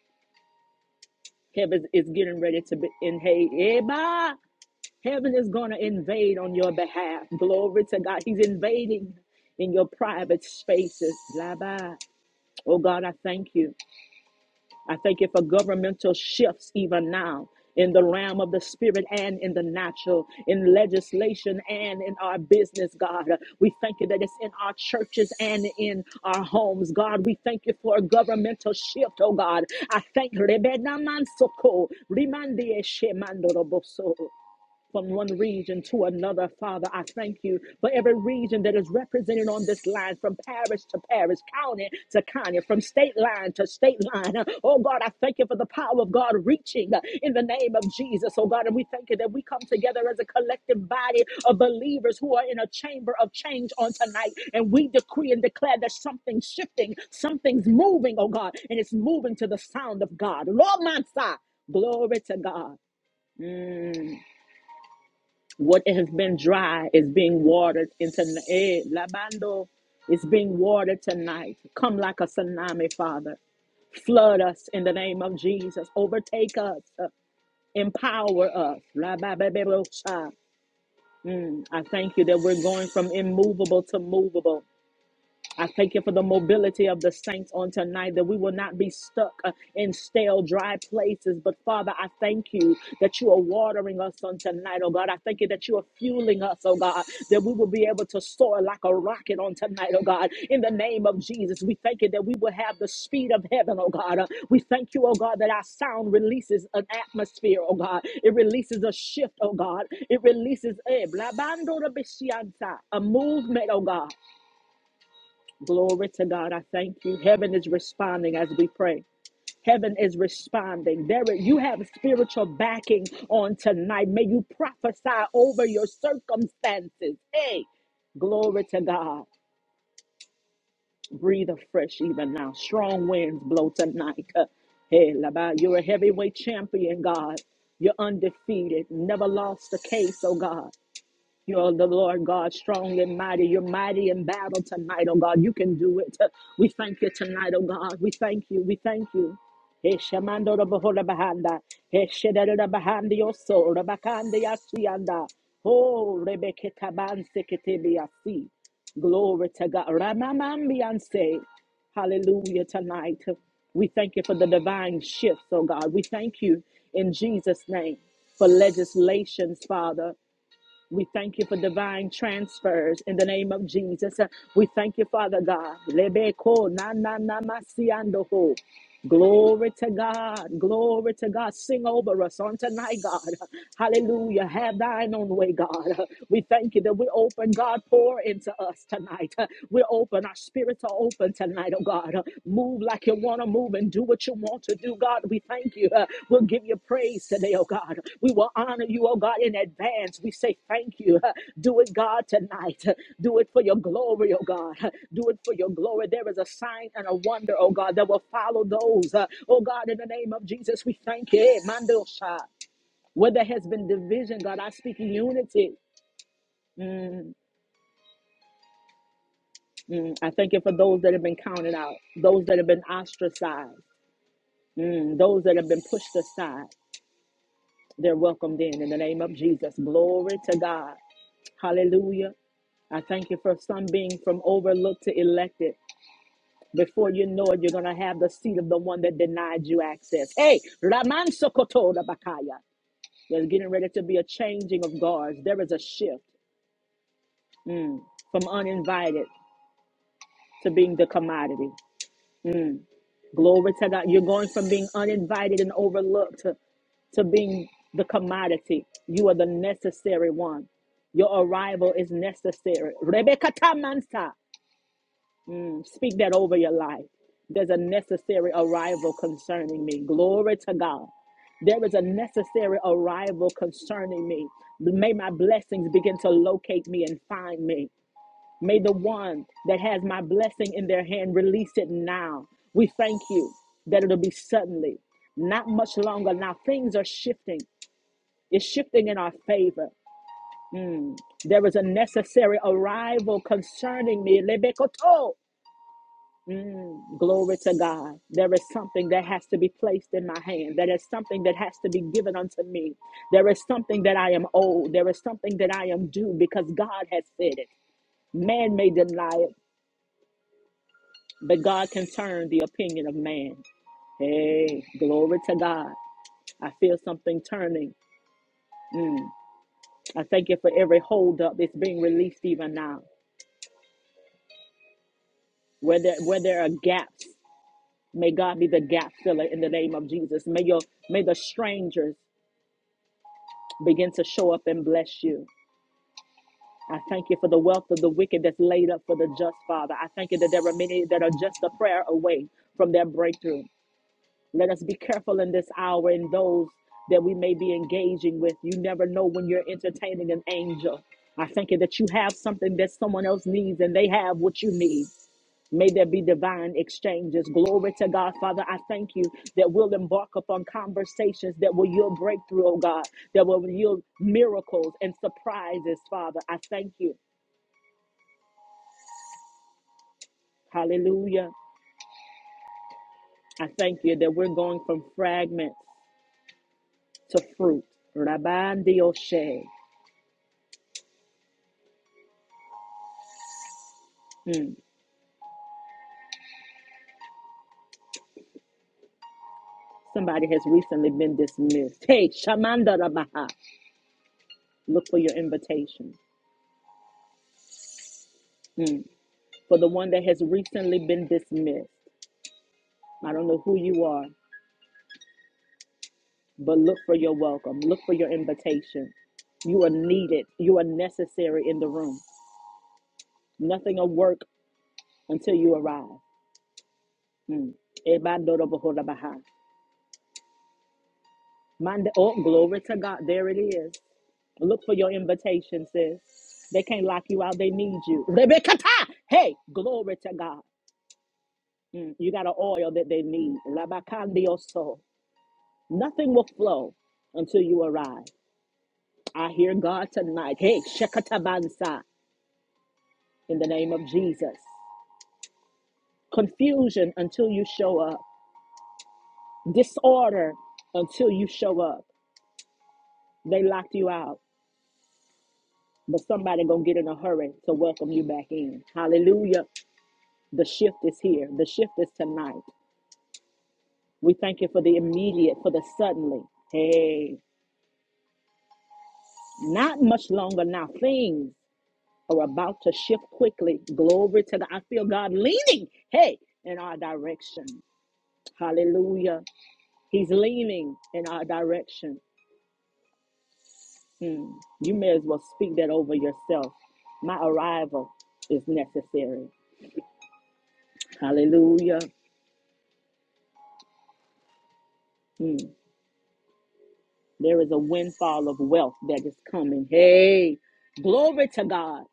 Heaven is getting ready to be in hey, Eba. Heaven is going to invade on your behalf. Glory to God. He's invading in your private spaces. Blah, blah. Oh, God, I thank you. I thank you for governmental shifts even now in the realm of the spirit and in the natural, in legislation and in our business, God. We thank you that it's in our churches and in our homes, God. We thank you for a governmental shift, oh God. I thank Rebedamansoko, Rimandieshemandoroboso from one region to another, Father. I thank you for every region that is represented on this line, from parish to parish, county to county, from state line to state line. Oh God, I thank you for the power of God reaching in the name of Jesus. Oh God, and we thank you that we come together as a collective body of believers who are in a chamber of change on tonight, and we decree and declare that something's shifting, something's moving, oh God, and it's moving to the sound of God. Lord, my side. Glory to God. What has been dry is being watered into eh, Labando is being watered tonight. Come like a tsunami, Father. Flood us in the name of Jesus. Overtake us. uh, Empower us. Lababebebosha. I thank you that we're going from immovable to movable. I thank you for the mobility of the saints on tonight that we will not be stuck uh, in stale, dry places. But Father, I thank you that you are watering us on tonight, oh God. I thank you that you are fueling us, oh God, that we will be able to soar like a rocket on tonight, oh God. In the name of Jesus, we thank you that we will have the speed of heaven, oh God. Uh, we thank you, oh God, that our sound releases an atmosphere, oh God. It releases a shift, oh God. It releases eh, blabando de bisianta, a movement, oh God. Glory to God. I thank you. Heaven is responding as we pray. Heaven is responding. There, you have spiritual backing on tonight. May you prophesy over your circumstances. Hey, glory to God. Breathe afresh even now. Strong winds blow tonight. Uh, Hey, Labai, you're a heavyweight champion, God. You're undefeated. Never lost a case, oh God. You're the Lord God, strong and mighty. You're mighty in battle tonight, oh God. You can do it. We thank you tonight, oh God. We thank you. We thank you. Eshamando da bohola bahanda. Eshedada da bahandi yoso. Rabakandi yashianda. Oh, Rebecca Taban Seketebiasi. Glory to God. Ramamambianse. Hallelujah tonight. We thank you for the divine shifts, oh God. We thank you in Jesus' name for legislations, Father. We thank you for divine transfers in the name of Jesus. We thank you, Father God. Lebeko na na na masiandoho. Glory to God. Glory to God. Sing over us on tonight, God. Hallelujah. Have thine own way, God. We thank you that we open, God, pour into us tonight. We open, our spirits are open tonight oh God. Uh, Move like you want to move and do what you want to do, God. We thank you. Uh, We'll give you praise today, oh God. We will honor you, oh God, in advance. We say thank you. Uh, Do it, God, tonight. Uh, Do it for your glory, oh God. Uh, Do it for your glory. There is a sign and a wonder, oh God, that will follow those. Uh, Oh God, in the name of Jesus, we thank you. Eh, Mandosha. Where there has been division, God, I speak unity. Mm, I thank you for those that have been counted out, those that have been ostracized. Mm, those that have been pushed aside, they're welcomed in in the name of Jesus. Glory to God. Hallelujah. I thank you for some being from overlooked to elected. Before you know it, you're going to have the seat of the one that denied you access. Hey, Raman Sokotoda Bakaya. There's getting ready to be a changing of guards. There is a shift from uninvited to being the commodity. Glory to God. You're going from being uninvited and overlooked. to being the commodity. You are the necessary one. Your arrival is necessary. Rebecca Tamansa, speak that over your life. There's a necessary arrival concerning me. Glory to God. There is a necessary arrival concerning me. May my blessings begin to locate me and find me. May the one that has my blessing in their hand release it now. We thank you that it'll be suddenly, not much longer. Now things are shifting is shifting in our favor. There is a necessary arrival concerning me. Lebekoto. Glory to God. There is something that has to be placed in my hand. There is something that has to be given unto me. There is something that I am owed. There is something that I am due because God has said it. Man may deny it, but God can turn the opinion of man. Hey, glory to God. I feel something turning. I thank you for every holdup that's being released even now. Where there, where there are gaps May God be the gap filler in the name of Jesus. May your may the strangers begin to show up and bless you. I thank you for the wealth of the wicked that's laid up for the just, Father. I thank you that there are many that are just a prayer away from their breakthrough. Let us be careful in this hour and those that we may be engaging with. You never know when you're entertaining an angel. I thank you that you have something that someone else needs and they have what you need. May there be divine exchanges. Glory to God. Father, I thank you that we'll embark upon conversations that will yield breakthrough, oh God, that will yield miracles and surprises, Father. I thank you. Hallelujah. I thank you that we're going from fragments to fruit. Rabban Dioshe. Mm. Somebody has recently been dismissed. Hey, Shamanda Rabaha. Look for your invitation. Mm. For the one that has recently been dismissed. I don't know who you are. But look for your welcome, look for your invitation. You are needed, you are necessary in the room. Nothing will work until you arrive. Mm. Ebandorobohorabaha. Manda- Oh, glory to God. There it is. Look for your invitation, sis. They can't lock you out, they need you. Rebekata! Hey, glory to God. Mm. You got an oil that they need. Labakandioso. Nothing will flow until you arrive. I hear God tonight. Hey, Shekatabansa, in the name of Jesus. confusion until you show up, disorder until you show up. They locked you out, but somebody gonna get in a hurry to welcome you back in. Hallelujah. The shift is here. The shift is tonight. We thank you for the immediate, for the suddenly. Hey, not much longer now. Things are about to shift quickly. Glory to God. I feel God leaning, hey, in our direction. Hallelujah. He's leaning in our direction. You may as well speak that over yourself. My arrival is necessary. Hallelujah. Mm. There is a windfall of wealth that is coming. Hey, glory to God.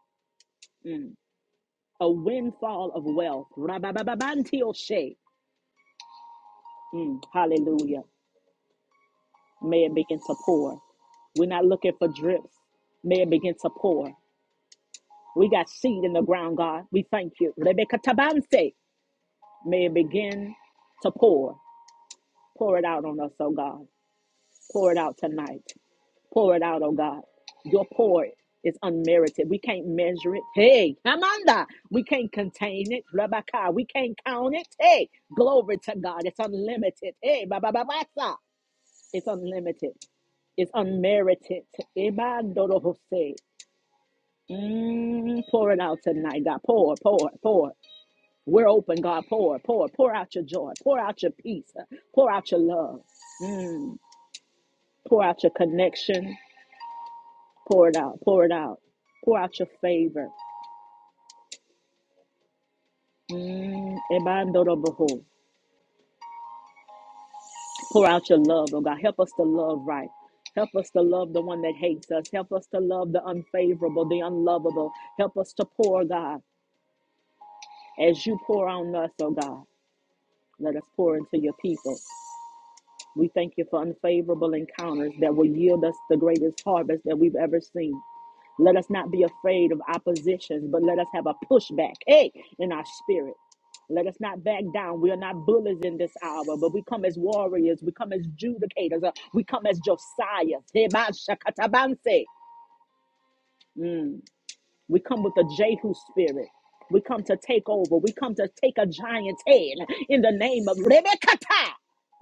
Mm. A windfall of wealth. Rabababantioshe. Mm. Hallelujah. May it begin to pour. We're not looking for drips. May it begin to pour. We got seed in the ground, God. We thank you. Rebecca Tabanse. May it begin to pour. Pour it out on us, oh God. Pour it out tonight. Pour it out, oh God. Your pour is unmerited. We can't measure it. Hey, Amanda, we can't contain it. Rebecca, we can't count it. Hey, glory to God. It's unlimited. Hey, ba ba It's unlimited. It's unmerited. Ebandoro Jose. Mm, pour it out tonight, God. Pour, pour, pour. We're open, God. Pour, pour, pour out your joy. Pour out your peace. Pour out your love. Mm, pour out your connection. Pour it out. Pour it out. Pour out your favor. Mm, ebandoroboho. Pour out your love, oh God. Help us to love right. Help us to love the one that hates us. Help us to love the unfavorable, the unlovable. Help us to pour, God, as you pour on us, oh God. Let us pour into your people. We thank you for unfavorable encounters that will yield us the greatest harvest that we've ever seen. Let us not be afraid of oppositions, but let us have a pushback, hey, in our spirit. Let us not back down. We are not bullies in this hour, but we come as warriors. We come as judicators. uh, We come as Josiah. Teban shakatabanse. We come with a Jehu spirit. We come to take over. We come to take a giant's head in the name of Rebekah.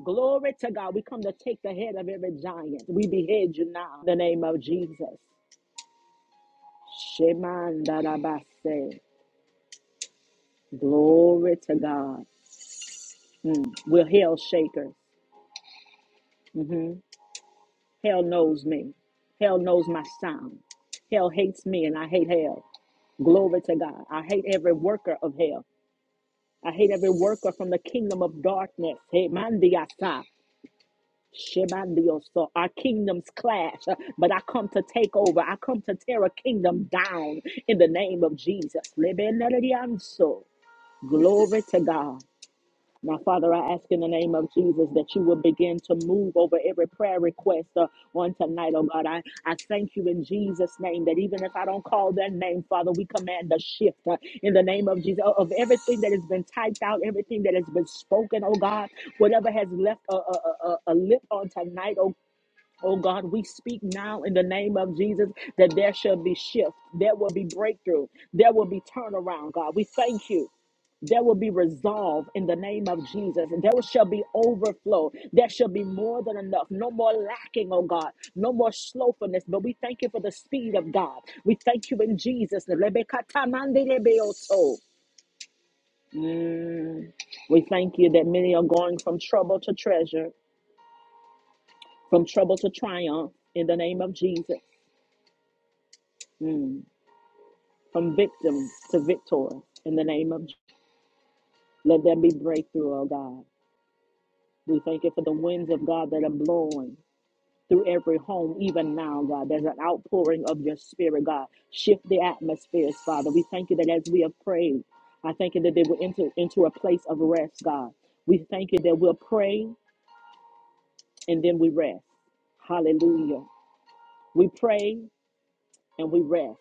Glory to God. We come to take the head of every giant. We behead you now in the name of Jesus. Shemandarabase. Glory to God. Mm. We're hell shakers. hmm Hell knows me. Hell knows my sound. Hell hates me and I hate hell. Glory to God. I hate every worker of hell. I hate every worker from the kingdom of darkness. Hey, mandiasa. Shebandioso. Our kingdoms clash, but I come to take over. I come to tear a kingdom down in the name of Jesus. Lebenedianso. Glory to God. Now, Father, I ask in the name of Jesus that you will begin to move over every prayer request uh, on tonight, oh God. I, I thank you in Jesus' name that even if I don't call their name, Father, we command a shift uh, in the name of Jesus of everything that has been typed out, everything that has been spoken, oh God, whatever has left a, a, a, a a lip on tonight, oh Oh God, we speak now in the name of Jesus that there shall be shift, there will be breakthrough, there will be turnaround, God. We thank you. There will be resolve in the name of Jesus. There shall be overflow. There shall be more than enough. No more lacking, oh God. No more slothfulness. But we thank you for the speed of God. We thank you in Jesus. name. Mm. We thank you that many are going from trouble to treasure, from trouble to triumph in the name of Jesus, from victim to victor in the name of Jesus. Let there be breakthrough, oh God. We thank you for the winds of God that are blowing through every home, even now, God. There's an outpouring of your spirit, God. Shift the atmospheres, Father. We thank you that as we have prayed, I thank you that they will enter into a place of rest, God. We thank you that we'll pray and then we rest. Hallelujah. We pray and we rest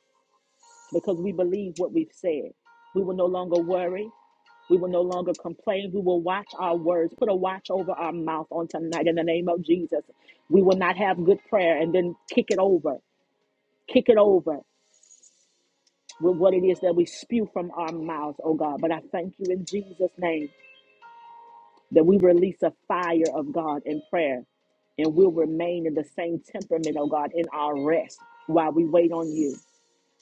because we believe what we've said. We will no longer worry. We will no longer complain. We will watch our words, put a watch over our mouth on tonight in the name of Jesus. We will not have good prayer and then kick it over kick it over. with what it is that we spew from our mouths, oh God. But I thank you in Jesus' name that we release a fire of God in prayer and we'll remain in the same temperament, oh God, in our rest while we wait on you.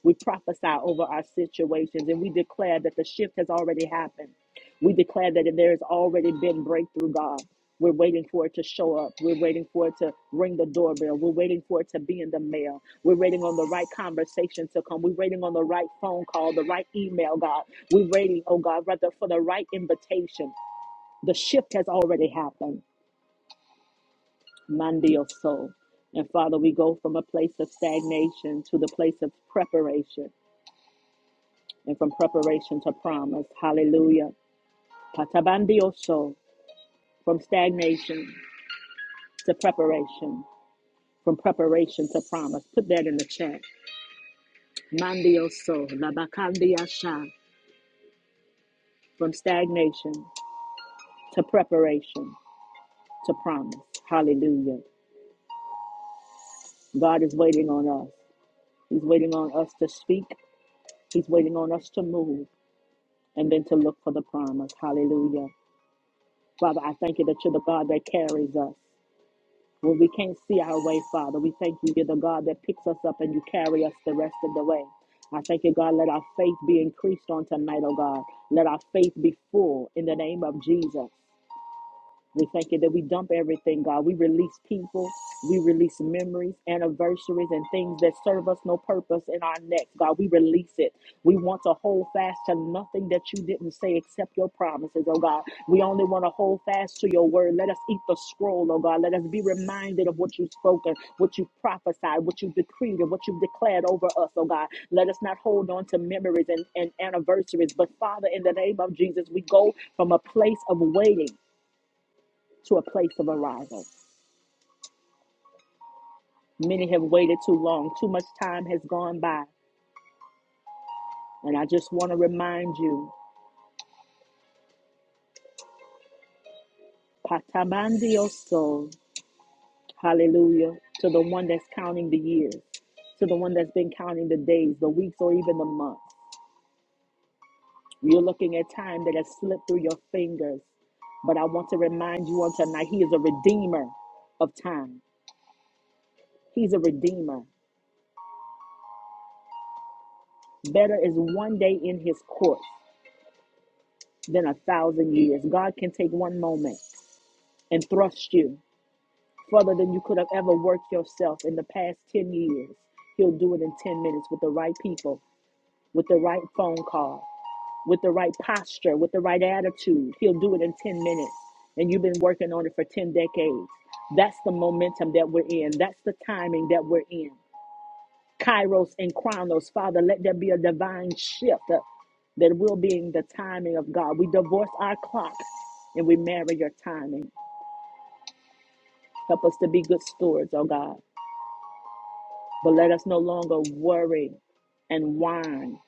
We prophesy over our situations and we declare that the shift has already happened. We declare that there has already been breakthrough, God. We're waiting for it to show up. We're waiting for it to ring the doorbell. We're waiting for it to be in the mail. We're waiting on the right conversation to come. We're waiting on the right phone call, the right email, God. We're waiting, oh God, rather for the right invitation. The shift has already happened. Mandio soul. And Father, we go from a place of stagnation to the place of preparation. and from preparation to promise. Hallelujah. Patabandioso, from stagnation to preparation, from preparation to promise. Put that in the chat. Mandioso, labakandiasha, from stagnation to preparation to promise. Hallelujah. God is waiting on us. He's waiting on us to speak. He's waiting on us to move and then to look for the promise. Hallelujah. Father, I thank you that you're the God that carries us. When we can't see our way, Father, we thank you. You're the God that picks us up and you carry us the rest of the way. I thank you, God. Let our faith be increased on tonight, oh God. Let our faith be full in the name of Jesus. We thank you that we dump everything, God. We release people, we release memories, anniversaries, and things that serve us no purpose in our next, God. We release it. We want to hold fast to nothing that you didn't say except your promises, oh God. We only want to hold fast to your word. Let us eat the scroll, oh God. Let us be reminded of what you've spoken, what you have prophesied, what you have decreed, and what you've declared over us, oh God. Let us not hold on to memories and, and anniversaries, but Father, in the name of Jesus, we go from a place of waiting to a place of arrival. Many have waited too long, too much time has gone by. And I just want to remind you, Patamandioso, hallelujah, to the one that's counting the years, to the one that's been counting the days, the weeks, or even the months. You're looking at time that has slipped through your fingers. But I want to remind you on tonight, He is a redeemer of time. He's a redeemer. Better is one day in His courts than a thousand years. God can take one moment and thrust you further than you could have ever worked yourself in the past 10 years. He'll do it in 10 minutes with the right people, with the right phone call, with the right posture, with the right attitude. He'll do it in 10 minutes. And you've been working on it for 10 decades. That's the momentum that we're in. That's the timing that we're in. Kairos and Chronos, Father, let there be a divine shift uh, that will be in the timing of God. We divorce our clock and we marry your timing. Help us to be good stewards, oh God. But let us no longer worry and whine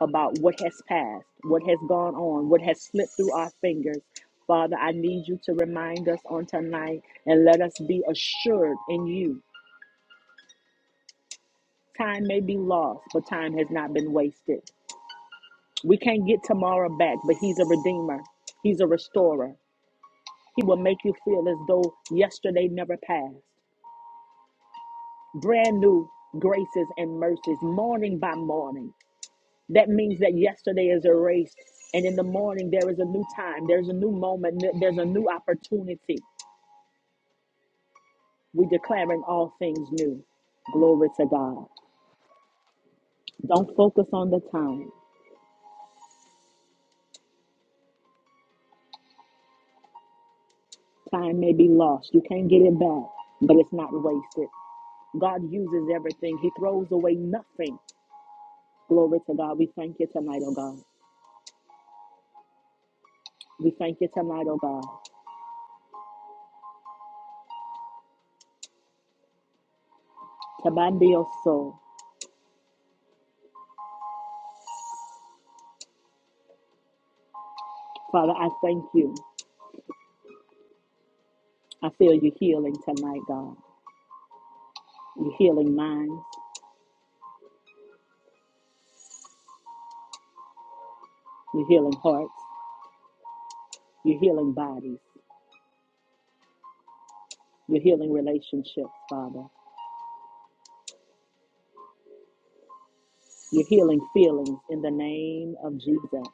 about what has passed, what has gone on, what has slipped through our fingers. Father, I need you to remind us on tonight and let us be assured in you. Time may be lost, but time has not been wasted. We can't get tomorrow back, but He's a redeemer, He's a restorer. He will make you feel as though yesterday never passed. Brand new graces and mercies, morning by morning. That means that yesterday is erased, and in the morning there is a new time, there's a new moment, th- there's a new opportunity. We declaring all things new. Glory to God. Don't focus on the time. Time may be lost. You can't get it back, but it's not wasted. God uses everything. He throws away nothing. Glory to God. We thank you tonight, oh God. We thank you tonight, oh God. Tabandi soul. Father, I thank you. I feel you healing tonight, God. You're healing minds. You're healing hearts. You're healing bodies. You're healing relationships, Father. You're healing feelings in the name of Jesus.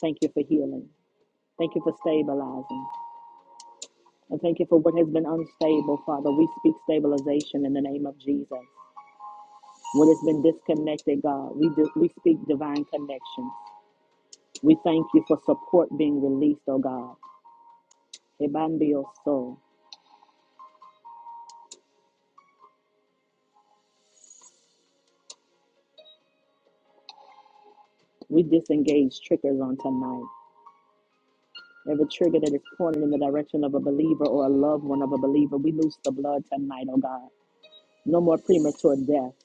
Thank you for healing. Thank you for stabilizing. And thank you for what has been unstable, Father. We speak stabilization in the name of Jesus. What has been disconnected, God, we, do, we speak divine connection. We thank you for support being released, oh God. Ebambio so. We disengage triggers on tonight. Every trigger that is pointed in the direction of a believer or a loved one of a believer, we loose the blood tonight, oh God. No more premature death.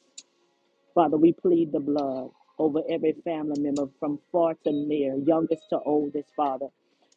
Father, we plead the blood over every family member from far to near, youngest to oldest, Father.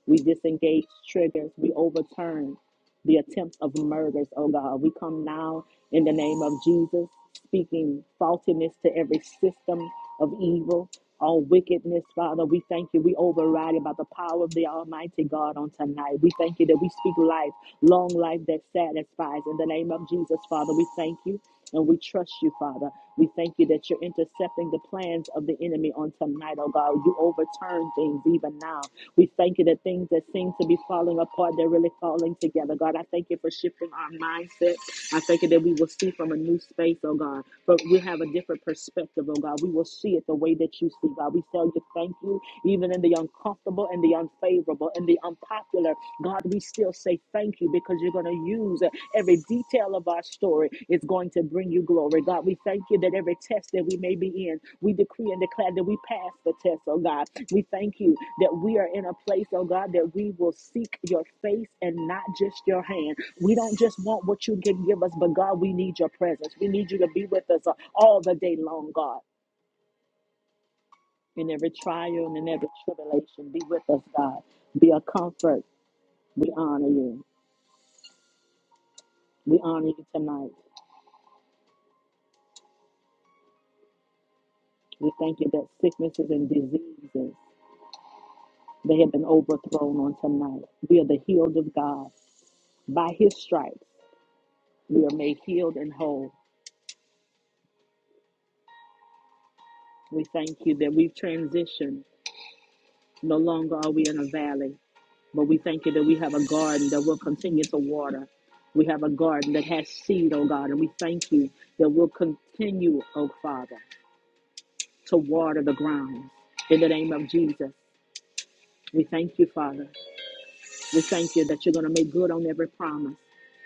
We disengage triggers. We overturn the attempt of murders, oh God. We come now in the name of Jesus, speaking faultiness to every system of evil, all wickedness, Father. We thank you. We override it by the power of the Almighty God on tonight. We thank you that we speak life, long life that satisfies. In the name of Jesus, Father, we thank you. And we trust you, Father. We thank you that you're intercepting the plans of the enemy on tonight, oh God. You overturn things even now. We thank you that things that seem to be falling apart, they're really falling together. God, I thank you for shifting our mindset. I thank you that we will see from a new space, oh God. But we have a different perspective, oh God. We will see it the way that you see, God. We tell you thank you, even in the uncomfortable and the unfavorable and the unpopular. God, we still say thank you because you're going to use every detail of our story. It's going to bring you glory. Lord God, we thank you that every test that we may be in, we decree and declare that we pass the test, oh God. We thank you that we are in a place, oh God, that we will seek your face and not just your hand. We don't just want what you can give us, but God, we need your presence. We need you to be with us uh, all the day long, God. In every trial and in every tribulation, be with us, God. Be a comfort. We honor you. We honor you tonight. We thank you that sicknesses and diseases They have been overthrown on tonight. We are the healed of God. By his stripes, we are made healed and whole. We thank you that we've transitioned. No longer are we in a valley, but we thank you that we have a garden that will continue to water. We have a garden that has seed, oh God, and we thank you that we'll continue, oh Father, to water the ground In the name of Jesus, we thank you, Father. We thank you that you're going to make good on every promise.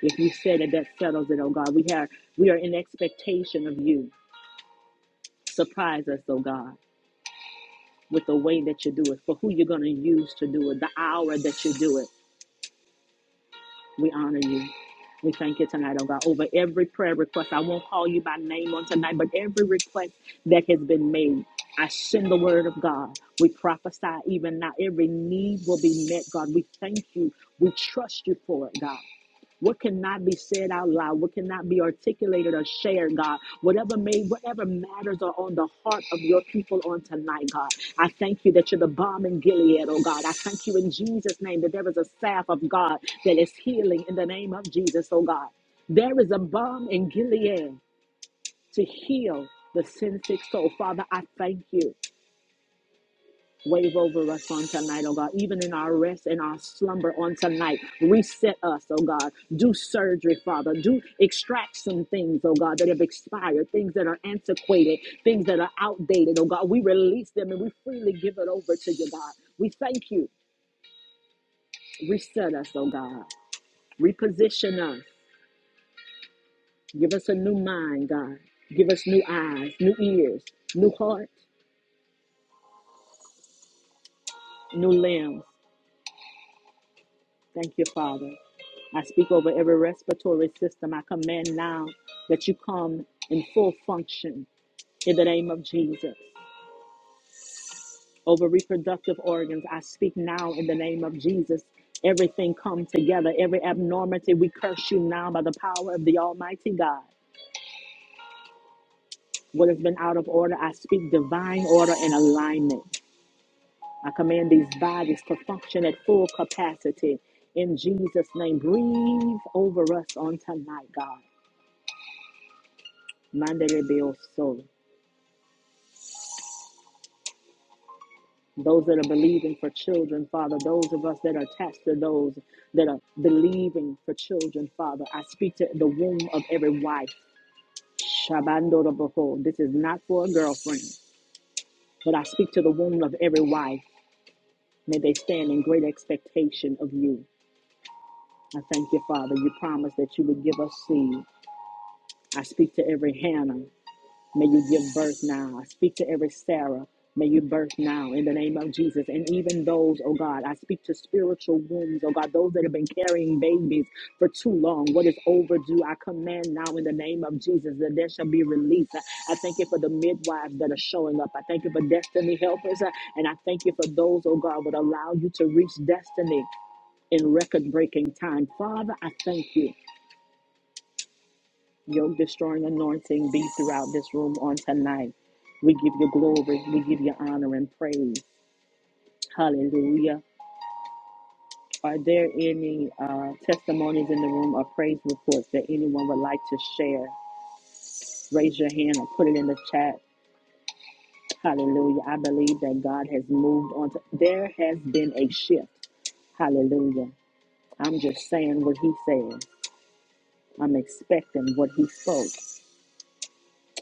If you said it, that settles it, oh God. We have we are in expectation of you. Surprise us, oh God, with the way that you do it, for who you're going to use to do it, the hour that you do it. We honor you. We thank you tonight, oh God, over every prayer request. I won't call you by name on tonight, but every request that has been made, I send the word of God. We prophesy even now. Every need will be met, God. We thank you. We trust you for it, God. what cannot be said out loud, what cannot be articulated or shared, God, whatever may, whatever matters are on the heart of your people on tonight, God. I thank you that you're the bomb in Gilead, oh God. I thank you in Jesus' name that there is a staff of God that is healing in the name of Jesus, oh God. There is a bomb in Gilead to heal the sin sick soul. Father, I thank you. Wave over us on tonight, oh God. Even in our rest and our slumber on tonight, reset us, oh God. Do surgery, Father. Do extract some things, oh God, that have expired, things that are antiquated, things that are outdated, oh God. We release them and we freely give it over to you, God. We thank you. Reset us, oh God. Reposition us. Give us a new mind, God. Give us new eyes, new ears, new heart, new limbs. Thank you, Father. I speak over every respiratory system. I command now that you come in full function in the name of Jesus. Over reproductive organs, I speak now in the name of Jesus. Everything come together. Every abnormality, we curse you now by the power of the Almighty God. What has been out of order, I speak divine order and alignment. I command these bodies to function at full capacity in Jesus' name. Breathe over us on tonight, God. Mandelebioso. Those that are believing for children, Father, those of us that are attached to those that are believing for children, Father, I speak to the womb of every wife. Shabandoroboho. This is not for a girlfriend, but I speak to the womb of every wife. May they stand in great expectation of you. I thank you, Father. You promised that you would give us seed. I speak to every Hannah. May you give birth now. I speak to every Sarah. May you birth now in the name of Jesus. And even those, oh God, I speak to spiritual wombs, oh God, those that have been carrying babies for too long. What is overdue, I command now in the name of Jesus that there shall be release. I I thank you for the midwives that are showing up. I thank you for destiny helpers. uh, And I thank you for those, oh God, would allow you to reach destiny in record breaking time. Father, I thank you. Yoke destroying anointing be throughout this room on tonight. We give you glory, we give you honor and praise. Hallelujah. Are there any uh, testimonies in the room or praise reports that anyone would like to share? Raise your hand or put it in the chat. Hallelujah. I believe that God has moved on. To, there has been a shift. Hallelujah. I'm just saying what he said. I'm expecting what he spoke.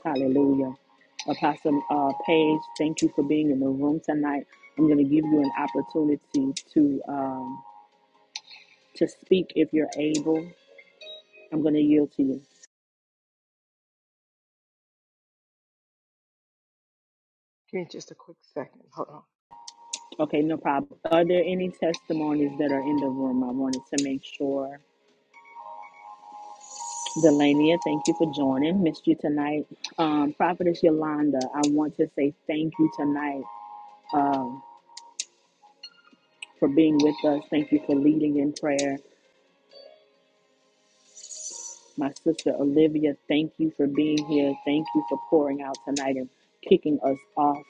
Hallelujah. Apostle uh, Paige, thank you for being in the room tonight. I'm going to give you an opportunity to um, to speak if you're able. I'm going to yield to you. Give me just a quick second. Hold on. Okay, no problem. Are there any testimonies that are in the room? I wanted to make sure. Delania, thank you for joining. Missed you tonight. Um, Prophetess Yolanda, I want to say thank you tonight um, for being with us. Thank you for leading in prayer. My sister Olivia, thank you for being here. Thank you for pouring out tonight and kicking us off.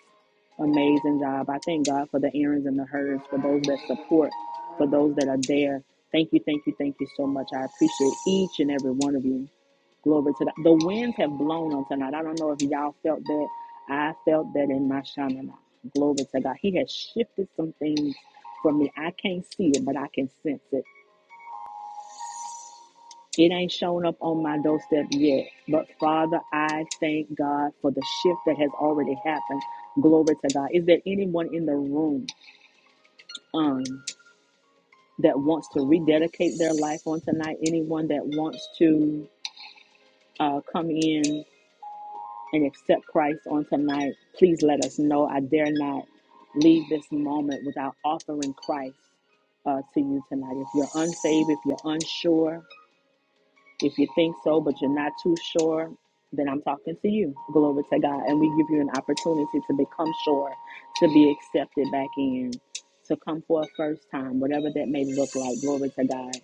Amazing job. I thank God for the errands and the herds, for those that support, for those that are there. Thank you, thank you, thank you so much. I appreciate each and every one of you. Glory to God. The winds have blown on tonight. I don't know if y'all felt that. I felt that in my shamana. Glory to God. He has shifted some things for me. I can't see it, but I can sense it. It ain't shown up on my doorstep yet. But Father, I thank God for the shift that has already happened. Glory to God. Is there anyone in the room um, that wants to rededicate their life on tonight? Anyone that wants to uh, come in and accept Christ on tonight? Please let us know. I dare not leave this moment without offering Christ uh, to you tonight. If you're unsaved, if you're unsure, If you think so, but you're not too sure, then I'm talking to you. Glory to God. And we give you an opportunity to become sure, to be accepted back in, to come for a first time, whatever that may look like. Glory to God.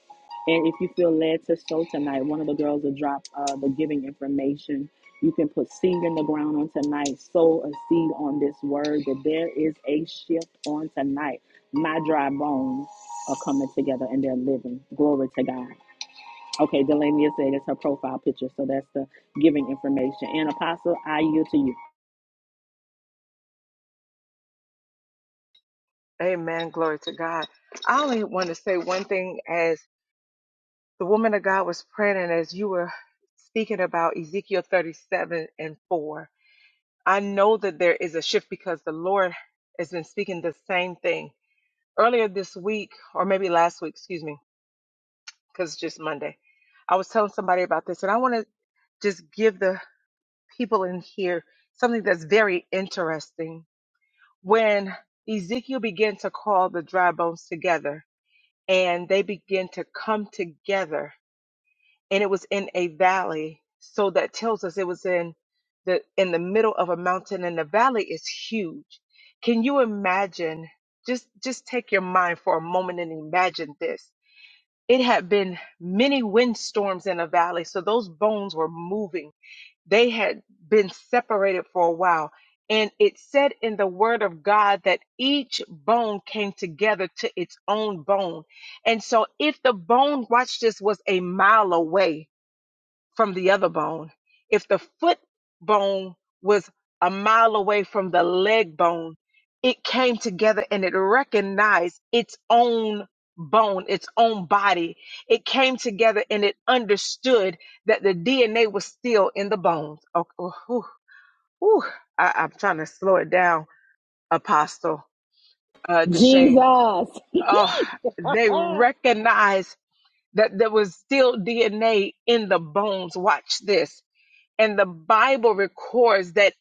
And if you feel led to sow tonight, one of the girls will drop uh, the giving information. You can put seed in the ground on tonight, sow a seed on this word that there is a shift on tonight. My dry bones are coming together and they're living. Glory to God. Okay, Delania said it's her profile picture, so that's the giving information. And Apostle, I yield to you. Amen. Glory to God. I only want to say one thing as the woman of God was praying and as you were speaking about Ezekiel 37 and 4. I know that there is a shift because the Lord has been speaking the same thing. Earlier this week, or maybe last week, excuse me, because it's just Monday, I was telling somebody about this and I want to just give the people in here something that's very interesting when Ezekiel began to call the dry bones together and they began to come together and it was in a valley so that tells us it was in the in the middle of a mountain and the valley is huge can you imagine just just take your mind for a moment and imagine this it had been many windstorms in the valley, so those bones were moving. They had been separated for a while. And it said in the word of God that each bone came together to its own bone. And so if the bone, watch this, was a mile away, from the other bone. If the foot bone was a mile away from the leg bone, it came together and it recognized its own bone, its own body. It came together and it understood that the DNA was still in the bones. Oh, oh, whew, whew. I, I'm trying to slow it down, Apostle uh, Deshane. Jesus. Oh, they recognized that there was still DNA in the bones. Watch this and the Bible records that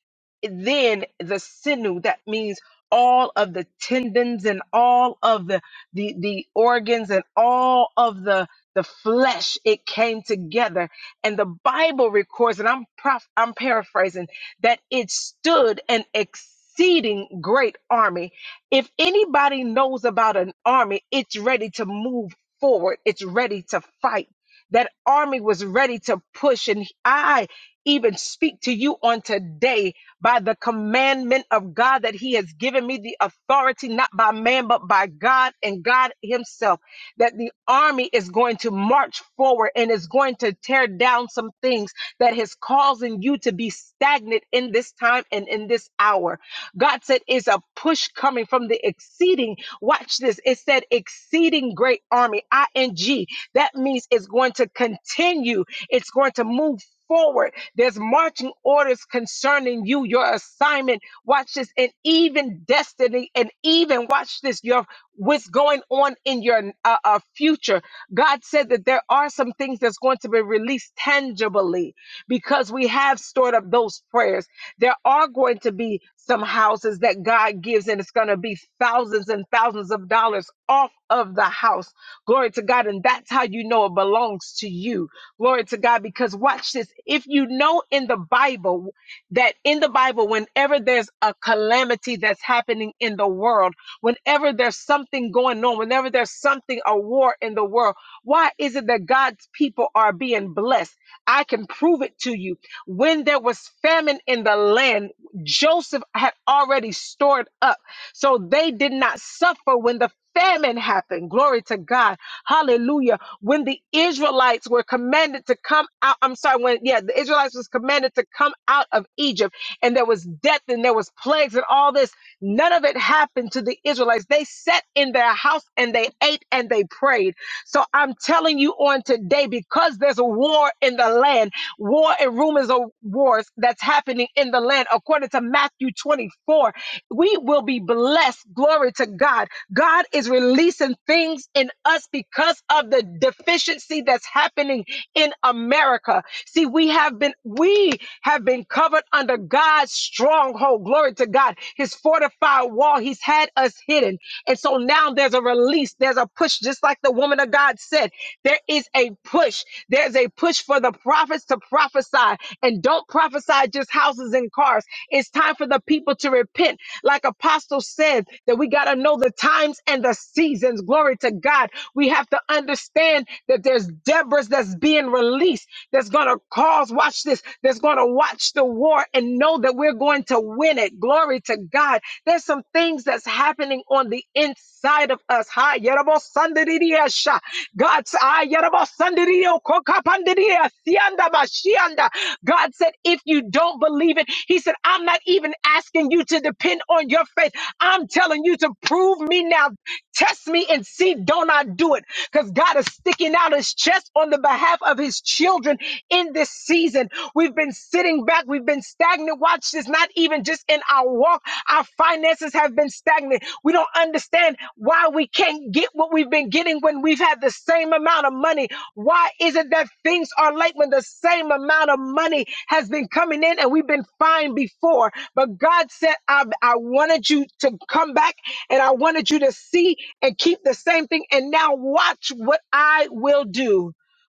then the sinew, that means all of the tendons and all of the, the, the organs and all of the, the flesh, it came together. And the Bible records, and I'm prof, I'm paraphrasing, that it stood an exceeding great army. If anybody knows about an army, it's ready to move forward. It's ready to fight. That army was ready to push. And I even speak to you on today by the commandment of God that He has given me the authority, not by man, but by God and God Himself. That the army is going to march forward and is going to tear down some things that is causing you to be stagnant in this time and in this hour. God said, It's a push coming from the exceeding. Watch this. It said, Exceeding great army, I N G. That means it's going to continue it's going to move forward. There's marching orders concerning you, your assignment. Watch this, and even destiny, and even watch this, your what's going on in your uh, uh, future. God said that there are some things that's going to be released tangibly because we have stored up those prayers. There are going to be some houses that God gives, and it's going to be thousands and thousands of dollars off of the house. Glory to God. And that's how you know it belongs to you Glory to God. Because watch this. If you know in the Bible that in the Bible, whenever there's a calamity that's happening in the world, whenever there's something going on, whenever there's something, a war in the world, why is it that God's people are being blessed? I can prove it to you. When there was famine in the land, Joseph had already stored up. So they did not suffer when the Famine happened. Glory to God. Hallelujah. When the Israelites were commanded to come out, I'm sorry, when, yeah, the Israelites was commanded to come out of Egypt and there was death and there was plagues and all this, none of it happened to the Israelites. They sat in their house and they ate and they prayed. So I'm telling you on today, because there's a war in the land, war and rumors of wars that's happening in the land according to Matthew 24, we will be blessed. Glory to God. God is releasing things in us because of the deficiency that's happening in America. See, we have been we have been covered under God's stronghold. Glory to God. His fortified wall, he's had us hidden. And so now there's a release, there's a push just like the woman of God said. There is a push. There's a push for the prophets to prophesy and don't prophesy just houses and cars. It's time for the people to repent. Like Apostle said, that we got to know the times and the seasons. Glory to God. We have to understand that there's Deborahs that's being released that's going to cause, watch this, that's going to watch the war and know that we're going to win it. Glory to God. There's some things that's happening on the inside of us. Ha, yerabo sandiriya sha. God said, "Ah, yerabo sandiriyo kokapandiria sianda bashianda." God said, if you don't believe it, He said, I'm not even asking you to depend on your faith. I'm telling you to prove me now. Test me and see, don't I do it? Because God is sticking out his chest on the behalf of his children in this season. We've been sitting back, we've been stagnant stagnant. Watch this, not even just in our walk. Our finances have been stagnant. We don't understand why we can't get what we've been getting when we've had the same amount of money. Why is it that things are late when the same amount of money has been coming in and we've been fine before? But God said, I, I wanted you to come back and I wanted you to see and keep the same thing. And now watch what I will do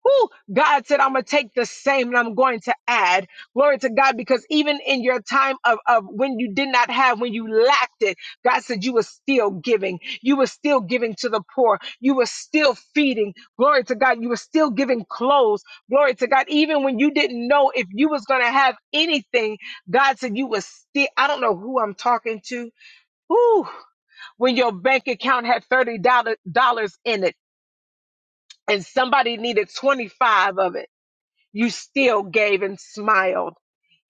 who God said, I'm going to take the same and I'm going to add. Glory to God, because even in your time of, of when you did not have, when you lacked it, God said you were still giving. You were still giving to the poor. You were still feeding. Glory to God. You were still giving clothes. Glory to God. Even when you didn't know if you was going to have anything, God said you was still, I don't know who I'm talking to. Whew. When your bank account had $30 in it and somebody needed 25 of it you still gave and smiled.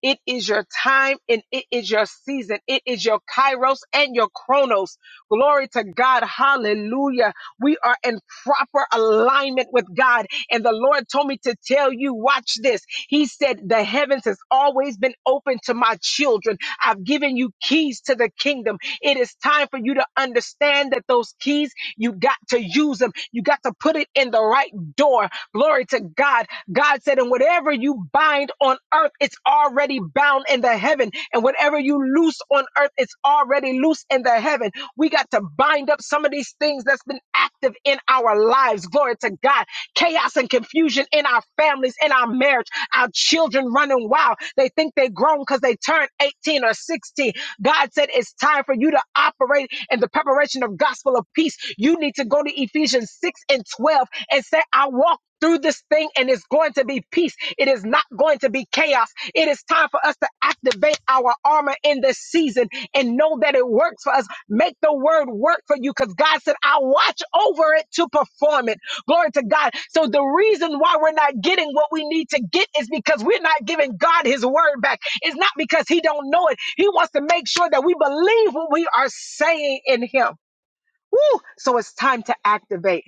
It is your time and it is your season. It is your kairos and your chronos. Glory to God. Hallelujah. We are in proper alignment with God. And the Lord told me to tell you, watch this. He said, The heavens has always been open to my children. I've given you keys to the kingdom. It is time for you to understand that those keys, you got to use them. You got to put it in the right door. Glory to God. God said, And whatever you bind on earth, it's already bound in the heaven. And whatever you loose on earth, it's already loose in the heaven. We got to bind up some of these things that's been active in our lives. Glory to God. Chaos and confusion in our families, in our marriage, our children running wild. They think they're grown because they turned 18 or 16. God said it's time for you to operate in the preparation of gospel of peace. You need to go to Ephesians 6 and 12 and say, I walk through this thing and it's going to be peace. It is not going to be chaos. It is time for us to activate our armor in this season and know that it works for us. Make the word work for you because God said, I'll watch over it to perform it. Glory to God. So the reason why we're not getting what we need to get is because we're not giving God his word back. It's not because he don't know it. He wants to make sure that we believe what we are saying in him. Woo! So it's time to activate.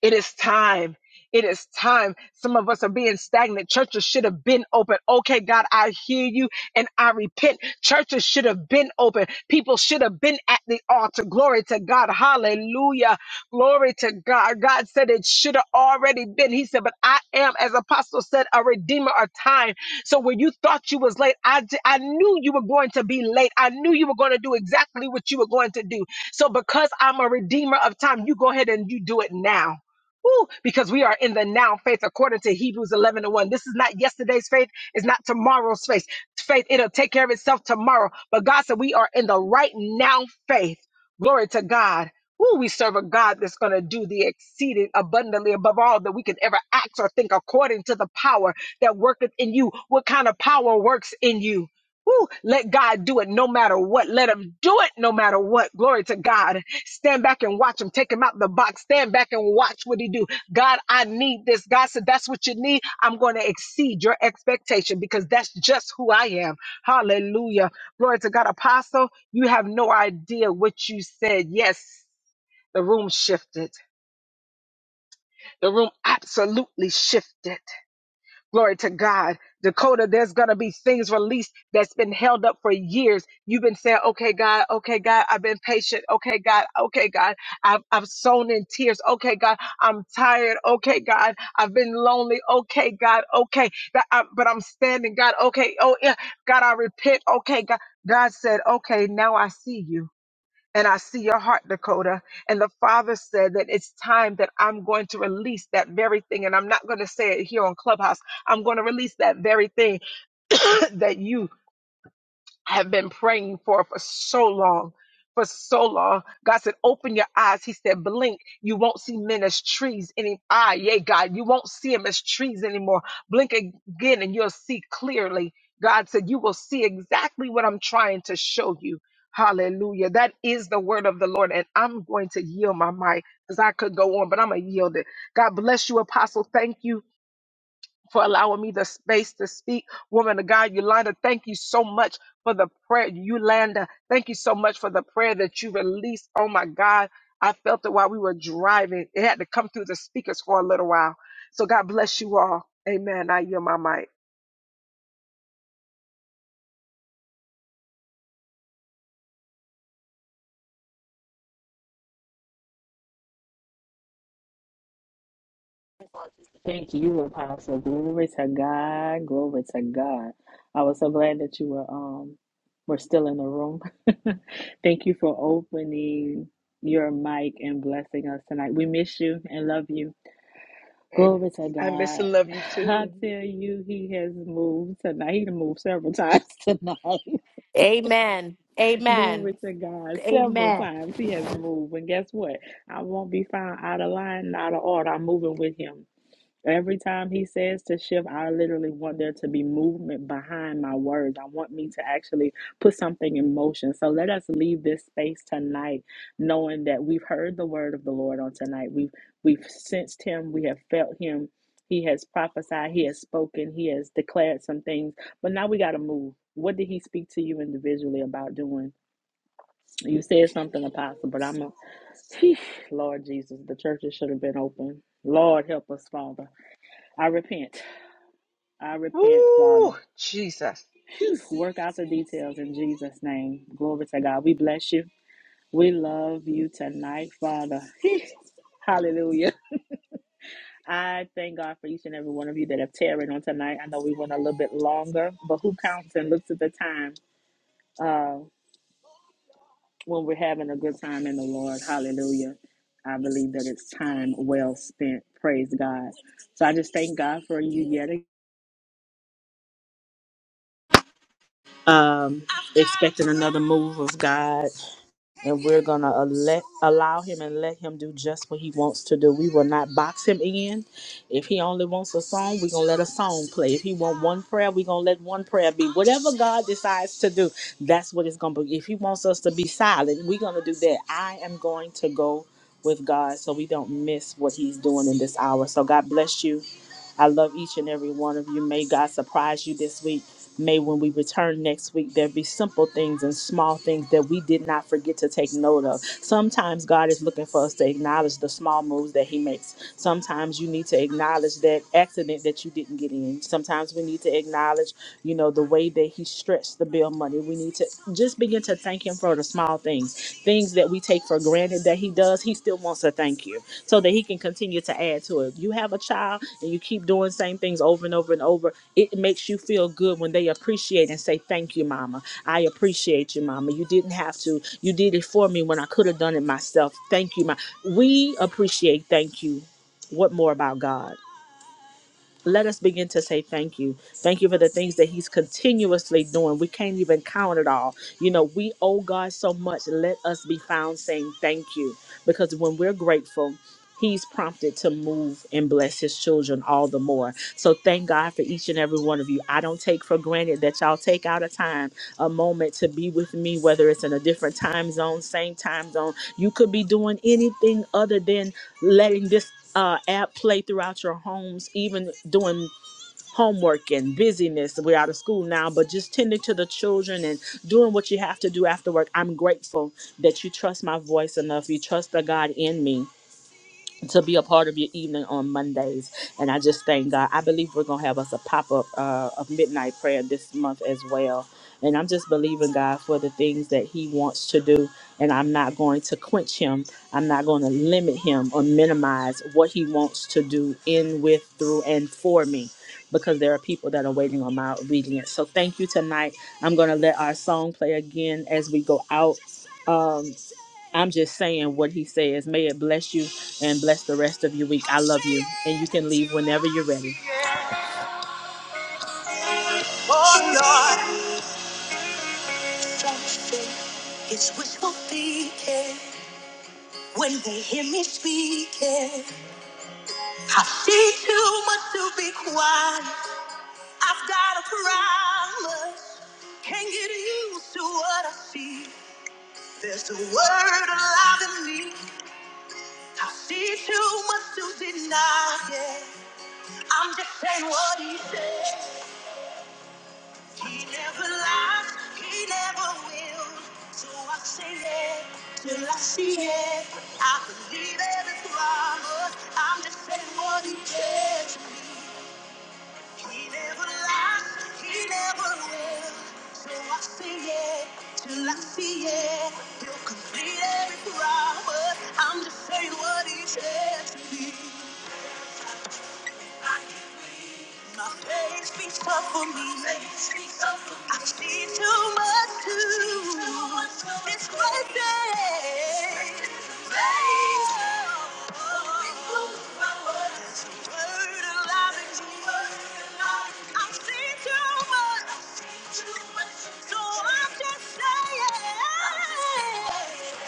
It is time. It is time. Some of us are being stagnant. Churches should have been open. Okay, God, I hear you and I repent. Churches should have been open. People should have been at the altar. Glory to God. Hallelujah. Glory to God. God said it should have already been. He said, but I am, as Apostle said, a redeemer of time. So when you thought you was late, I, j- I knew you were going to be late. I knew you were going to do exactly what you were going to do. So because I'm a redeemer of time, you go ahead and you do it now Woo! Because we are in the now faith according to Hebrews 11 and 1. This is not yesterday's faith. It's not tomorrow's faith. Faith, it'll take care of itself tomorrow. But God said we are in the right now faith. Glory to God. Woo, we serve a God that's going to do the exceeding abundantly above all that we can ever act or think according to the power that worketh in you. What kind of power works in you? Woo. Let God do it no matter what. Let him do it no matter what. Glory to God. Stand back and watch him. Take him out the box. Stand back and watch what he do. God, I need this. God said, that's what you need. I'm going to exceed your expectation because that's just who I am. Hallelujah. Glory to God. Apostle, you have no idea what you said. Yes. The room shifted. The room absolutely shifted. Glory to God. Dakota, there's going to be things released that's been held up for years. You've been saying, okay, God, okay, God, I've been patient. Okay, God, okay, God, I've, I've sown in tears. Okay, God, I'm tired. Okay, God, I've been lonely. Okay, God, okay, God, I, but I'm standing. God, okay, oh, yeah, God, I repent. Okay, God. God said, okay, now I see you. And I see your heart, Dakota. And the Father said that it's time that I'm going to release that very thing. And I'm not going to say it here on Clubhouse. I'm going to release that very thing *coughs* that you have been praying for for so long. For so long, God said, Open your eyes. He said, Blink. You won't see men as trees any. Ah, yay, God. You won't see them as trees anymore. Blink again and you'll see clearly. God said, You will see exactly what I'm trying to show you. Hallelujah. That is the word of the Lord. And I'm going to yield my mic because I could go on, but I'm going to yield it. God bless you, Apostle. Thank you for allowing me the space to speak. Woman of God, Yolanda, thank you so much for the prayer. Yolanda, thank you so much for the prayer that you released. Oh my God, I felt it while we were driving. It had to come through the speakers for a little while. So God bless you all. Amen. I yield my mic. *laughs* Thank you, Apostle. Glory to God. Glory to God. I was so glad that you were um were still in the room. *laughs* Thank you for opening your mic and blessing us tonight. We miss you and love you. Amen. Glory to I miss God. and love *laughs* you I too. tell you, he has moved tonight. He done moved several times tonight. *laughs* Amen. Glory Amen. to God. Several Amen. times he has moved. And guess what? I won't be found out of line, not of order. I'm moving with him. Every time he says to shift, I literally want there to be movement behind my words. I want me to actually put something in motion. So let us leave this space tonight knowing that we've heard the word of the Lord on tonight. We've we've sensed him, we have felt him. He has prophesied, he has spoken, he has declared some things. But now we got to move. What did he speak to you individually about doing? You said something, Apostle, but I'm a Phew, Lord Jesus, the churches should have been open. Lord help us, Father. I repent. I repent, Father. Woo, Jesus. Phew, Work out the details in Jesus' name. Glory to God. We bless you. We love you tonight, Father. Phew, Hallelujah. I thank God for each and every one of you that have tarried on tonight. I know we went a little bit longer, but who counts and looks at the time? uh, When we're having a good time in the Lord, hallelujah. I believe that it's time well spent. Praise God. So I just thank God for you yet again. Um, expecting another move of God. and we're gonna let allow him and let him do just what he wants to do. We will not box him in. If he only wants a song, we're gonna let a song play. If he want one prayer, we're gonna let one prayer be. Whatever God decides to do, that's what it's gonna be. If he wants us to be silent, we're gonna do that. I am going to go with God so we don't miss what he's doing in this hour. So God bless you. I love each and every one of you. May God surprise you this week. May when we return next week, there be simple things and small things that we did not forget to take note of. Sometimes God is looking for us to acknowledge the small moves that He makes. Sometimes you need to acknowledge that accident that you didn't get in. Sometimes we need to acknowledge, you know, the way that He stretched the bill money. We need to just be just begin to thank Him for the small things, things that we take for granted that He does. He still wants to thank you so that He can continue to add to it. You have a child and you keep doing same things over and over and over. It makes you feel good when they appreciate and say, "Thank you, Mama. I appreciate you, Mama. You didn't have to. You did it for me when I could have done it myself. Thank you, Ma." We appreciate. Thank you. What more about God? let us begin to say thank you. Thank you for the things that He's continuously doing. We can't even count it all. You know, we owe God so much. Let us be found saying thank you because when we're grateful, He's prompted to move and bless His children all the more. So thank God for each and every one of you. I don't take for granted that y'all take out a time, a moment to be with me, whether it's in a different time zone, same time zone. You could be doing anything other than letting this uh, app play throughout your homes, even doing homework and busyness. We're out of school now, but just tending to the children and doing what you have to do after work. I'm grateful that you trust my voice enough. You trust the God in me to be a part of your evening on Mondays. And I just thank God. I believe we're going to have us a pop up uh, of midnight prayer this month as well. And I'm just believing God for the things that He wants to do. And I'm not going to quench Him, I'm not going to limit Him or minimize what He wants to do in, with, through, and for me. Because there are people that are waiting on my obedience. So thank you tonight. I'm going to let our song play again as we go out. Um, I'm just saying what he says. May it bless you and bless the rest of your week. I love you. And you can leave whenever you're ready. Oh Lord, it's wishful thinking when they hear me speaking. I see too much to be quiet. I've got a promise. Can't get used to what I see. There's a word alive in me. I see too much to deny. Yeah. I'm just saying what he said. He never lies, he never will. So I say it till I see it. I believe every promise. I'm just saying what he said to me. He never lies, he never will. So I say it till I see it. He'll complete every promise. I'm just saying what he said to me. My faith speaks up for me. I see too much to this great day. Faith, there's a word alive in me. I see too much, so I'm just saying.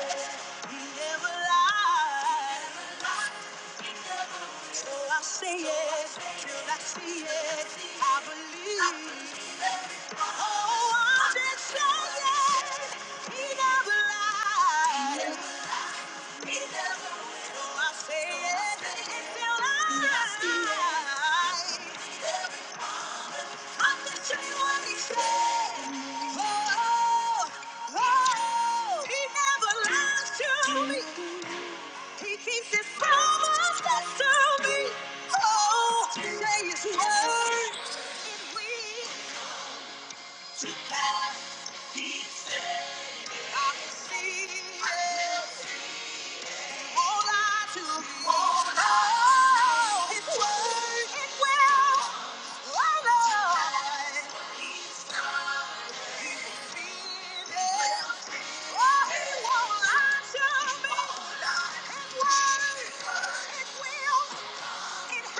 He never lies. Till I see it, till I see it, I believe. Oh, I did say it. He never lied. He never will. Till I see it, till I see it. I'm just saying what he said. Oh, oh, he never lies to me. He keeps his promise to me. Oh, say his word. And we together, he said, I can see it. Hold on to me. Hold on. His word, it will alive. He's done. He's seen it. Oh, he won't lie to me. His word, it will Stand on his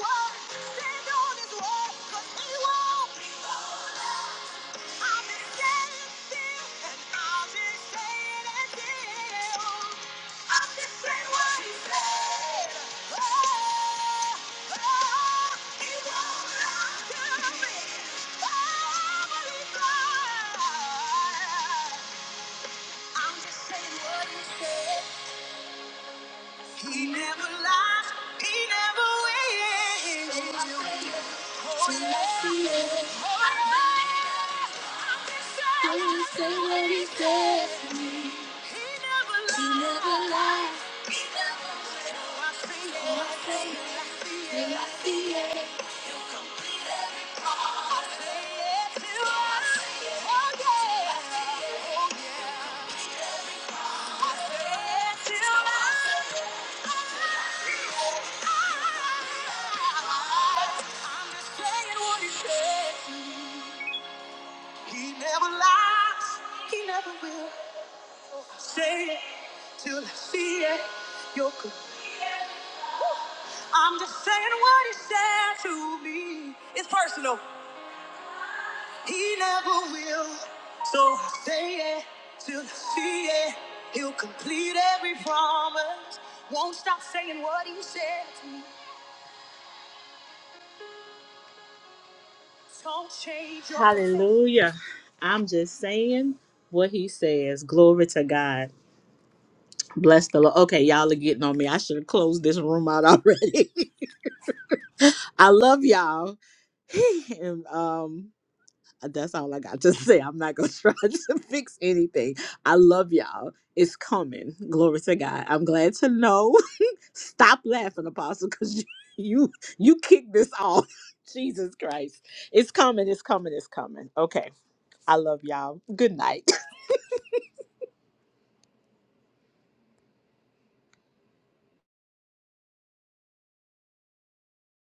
word, stand on his word, 'cause he won't. He never lies, he never wins. I'm just saying what he said. He never lies, he never will. Say it till I see it. You're good. I'm just saying what he said to me. It's personal. He never will. So I say it till I see it. He'll complete every promise. Won't stop saying what he said to me. Don't change your Hallelujah. I'm just saying what he says. Glory to God. Bless the Lord. Okay, y'all are getting on me. I should have closed this room out already. *laughs* I love y'all. *laughs* and um that's all I got to *laughs* say. I'm not gonna *laughs* try to fix anything. I love y'all. It's coming. Glory to God. I'm glad to know. *laughs* Stop laughing, Apostle, because you, you you kicked this off. *laughs* Jesus Christ. It's coming, it's coming, it's coming. Okay. I love y'all. Good night.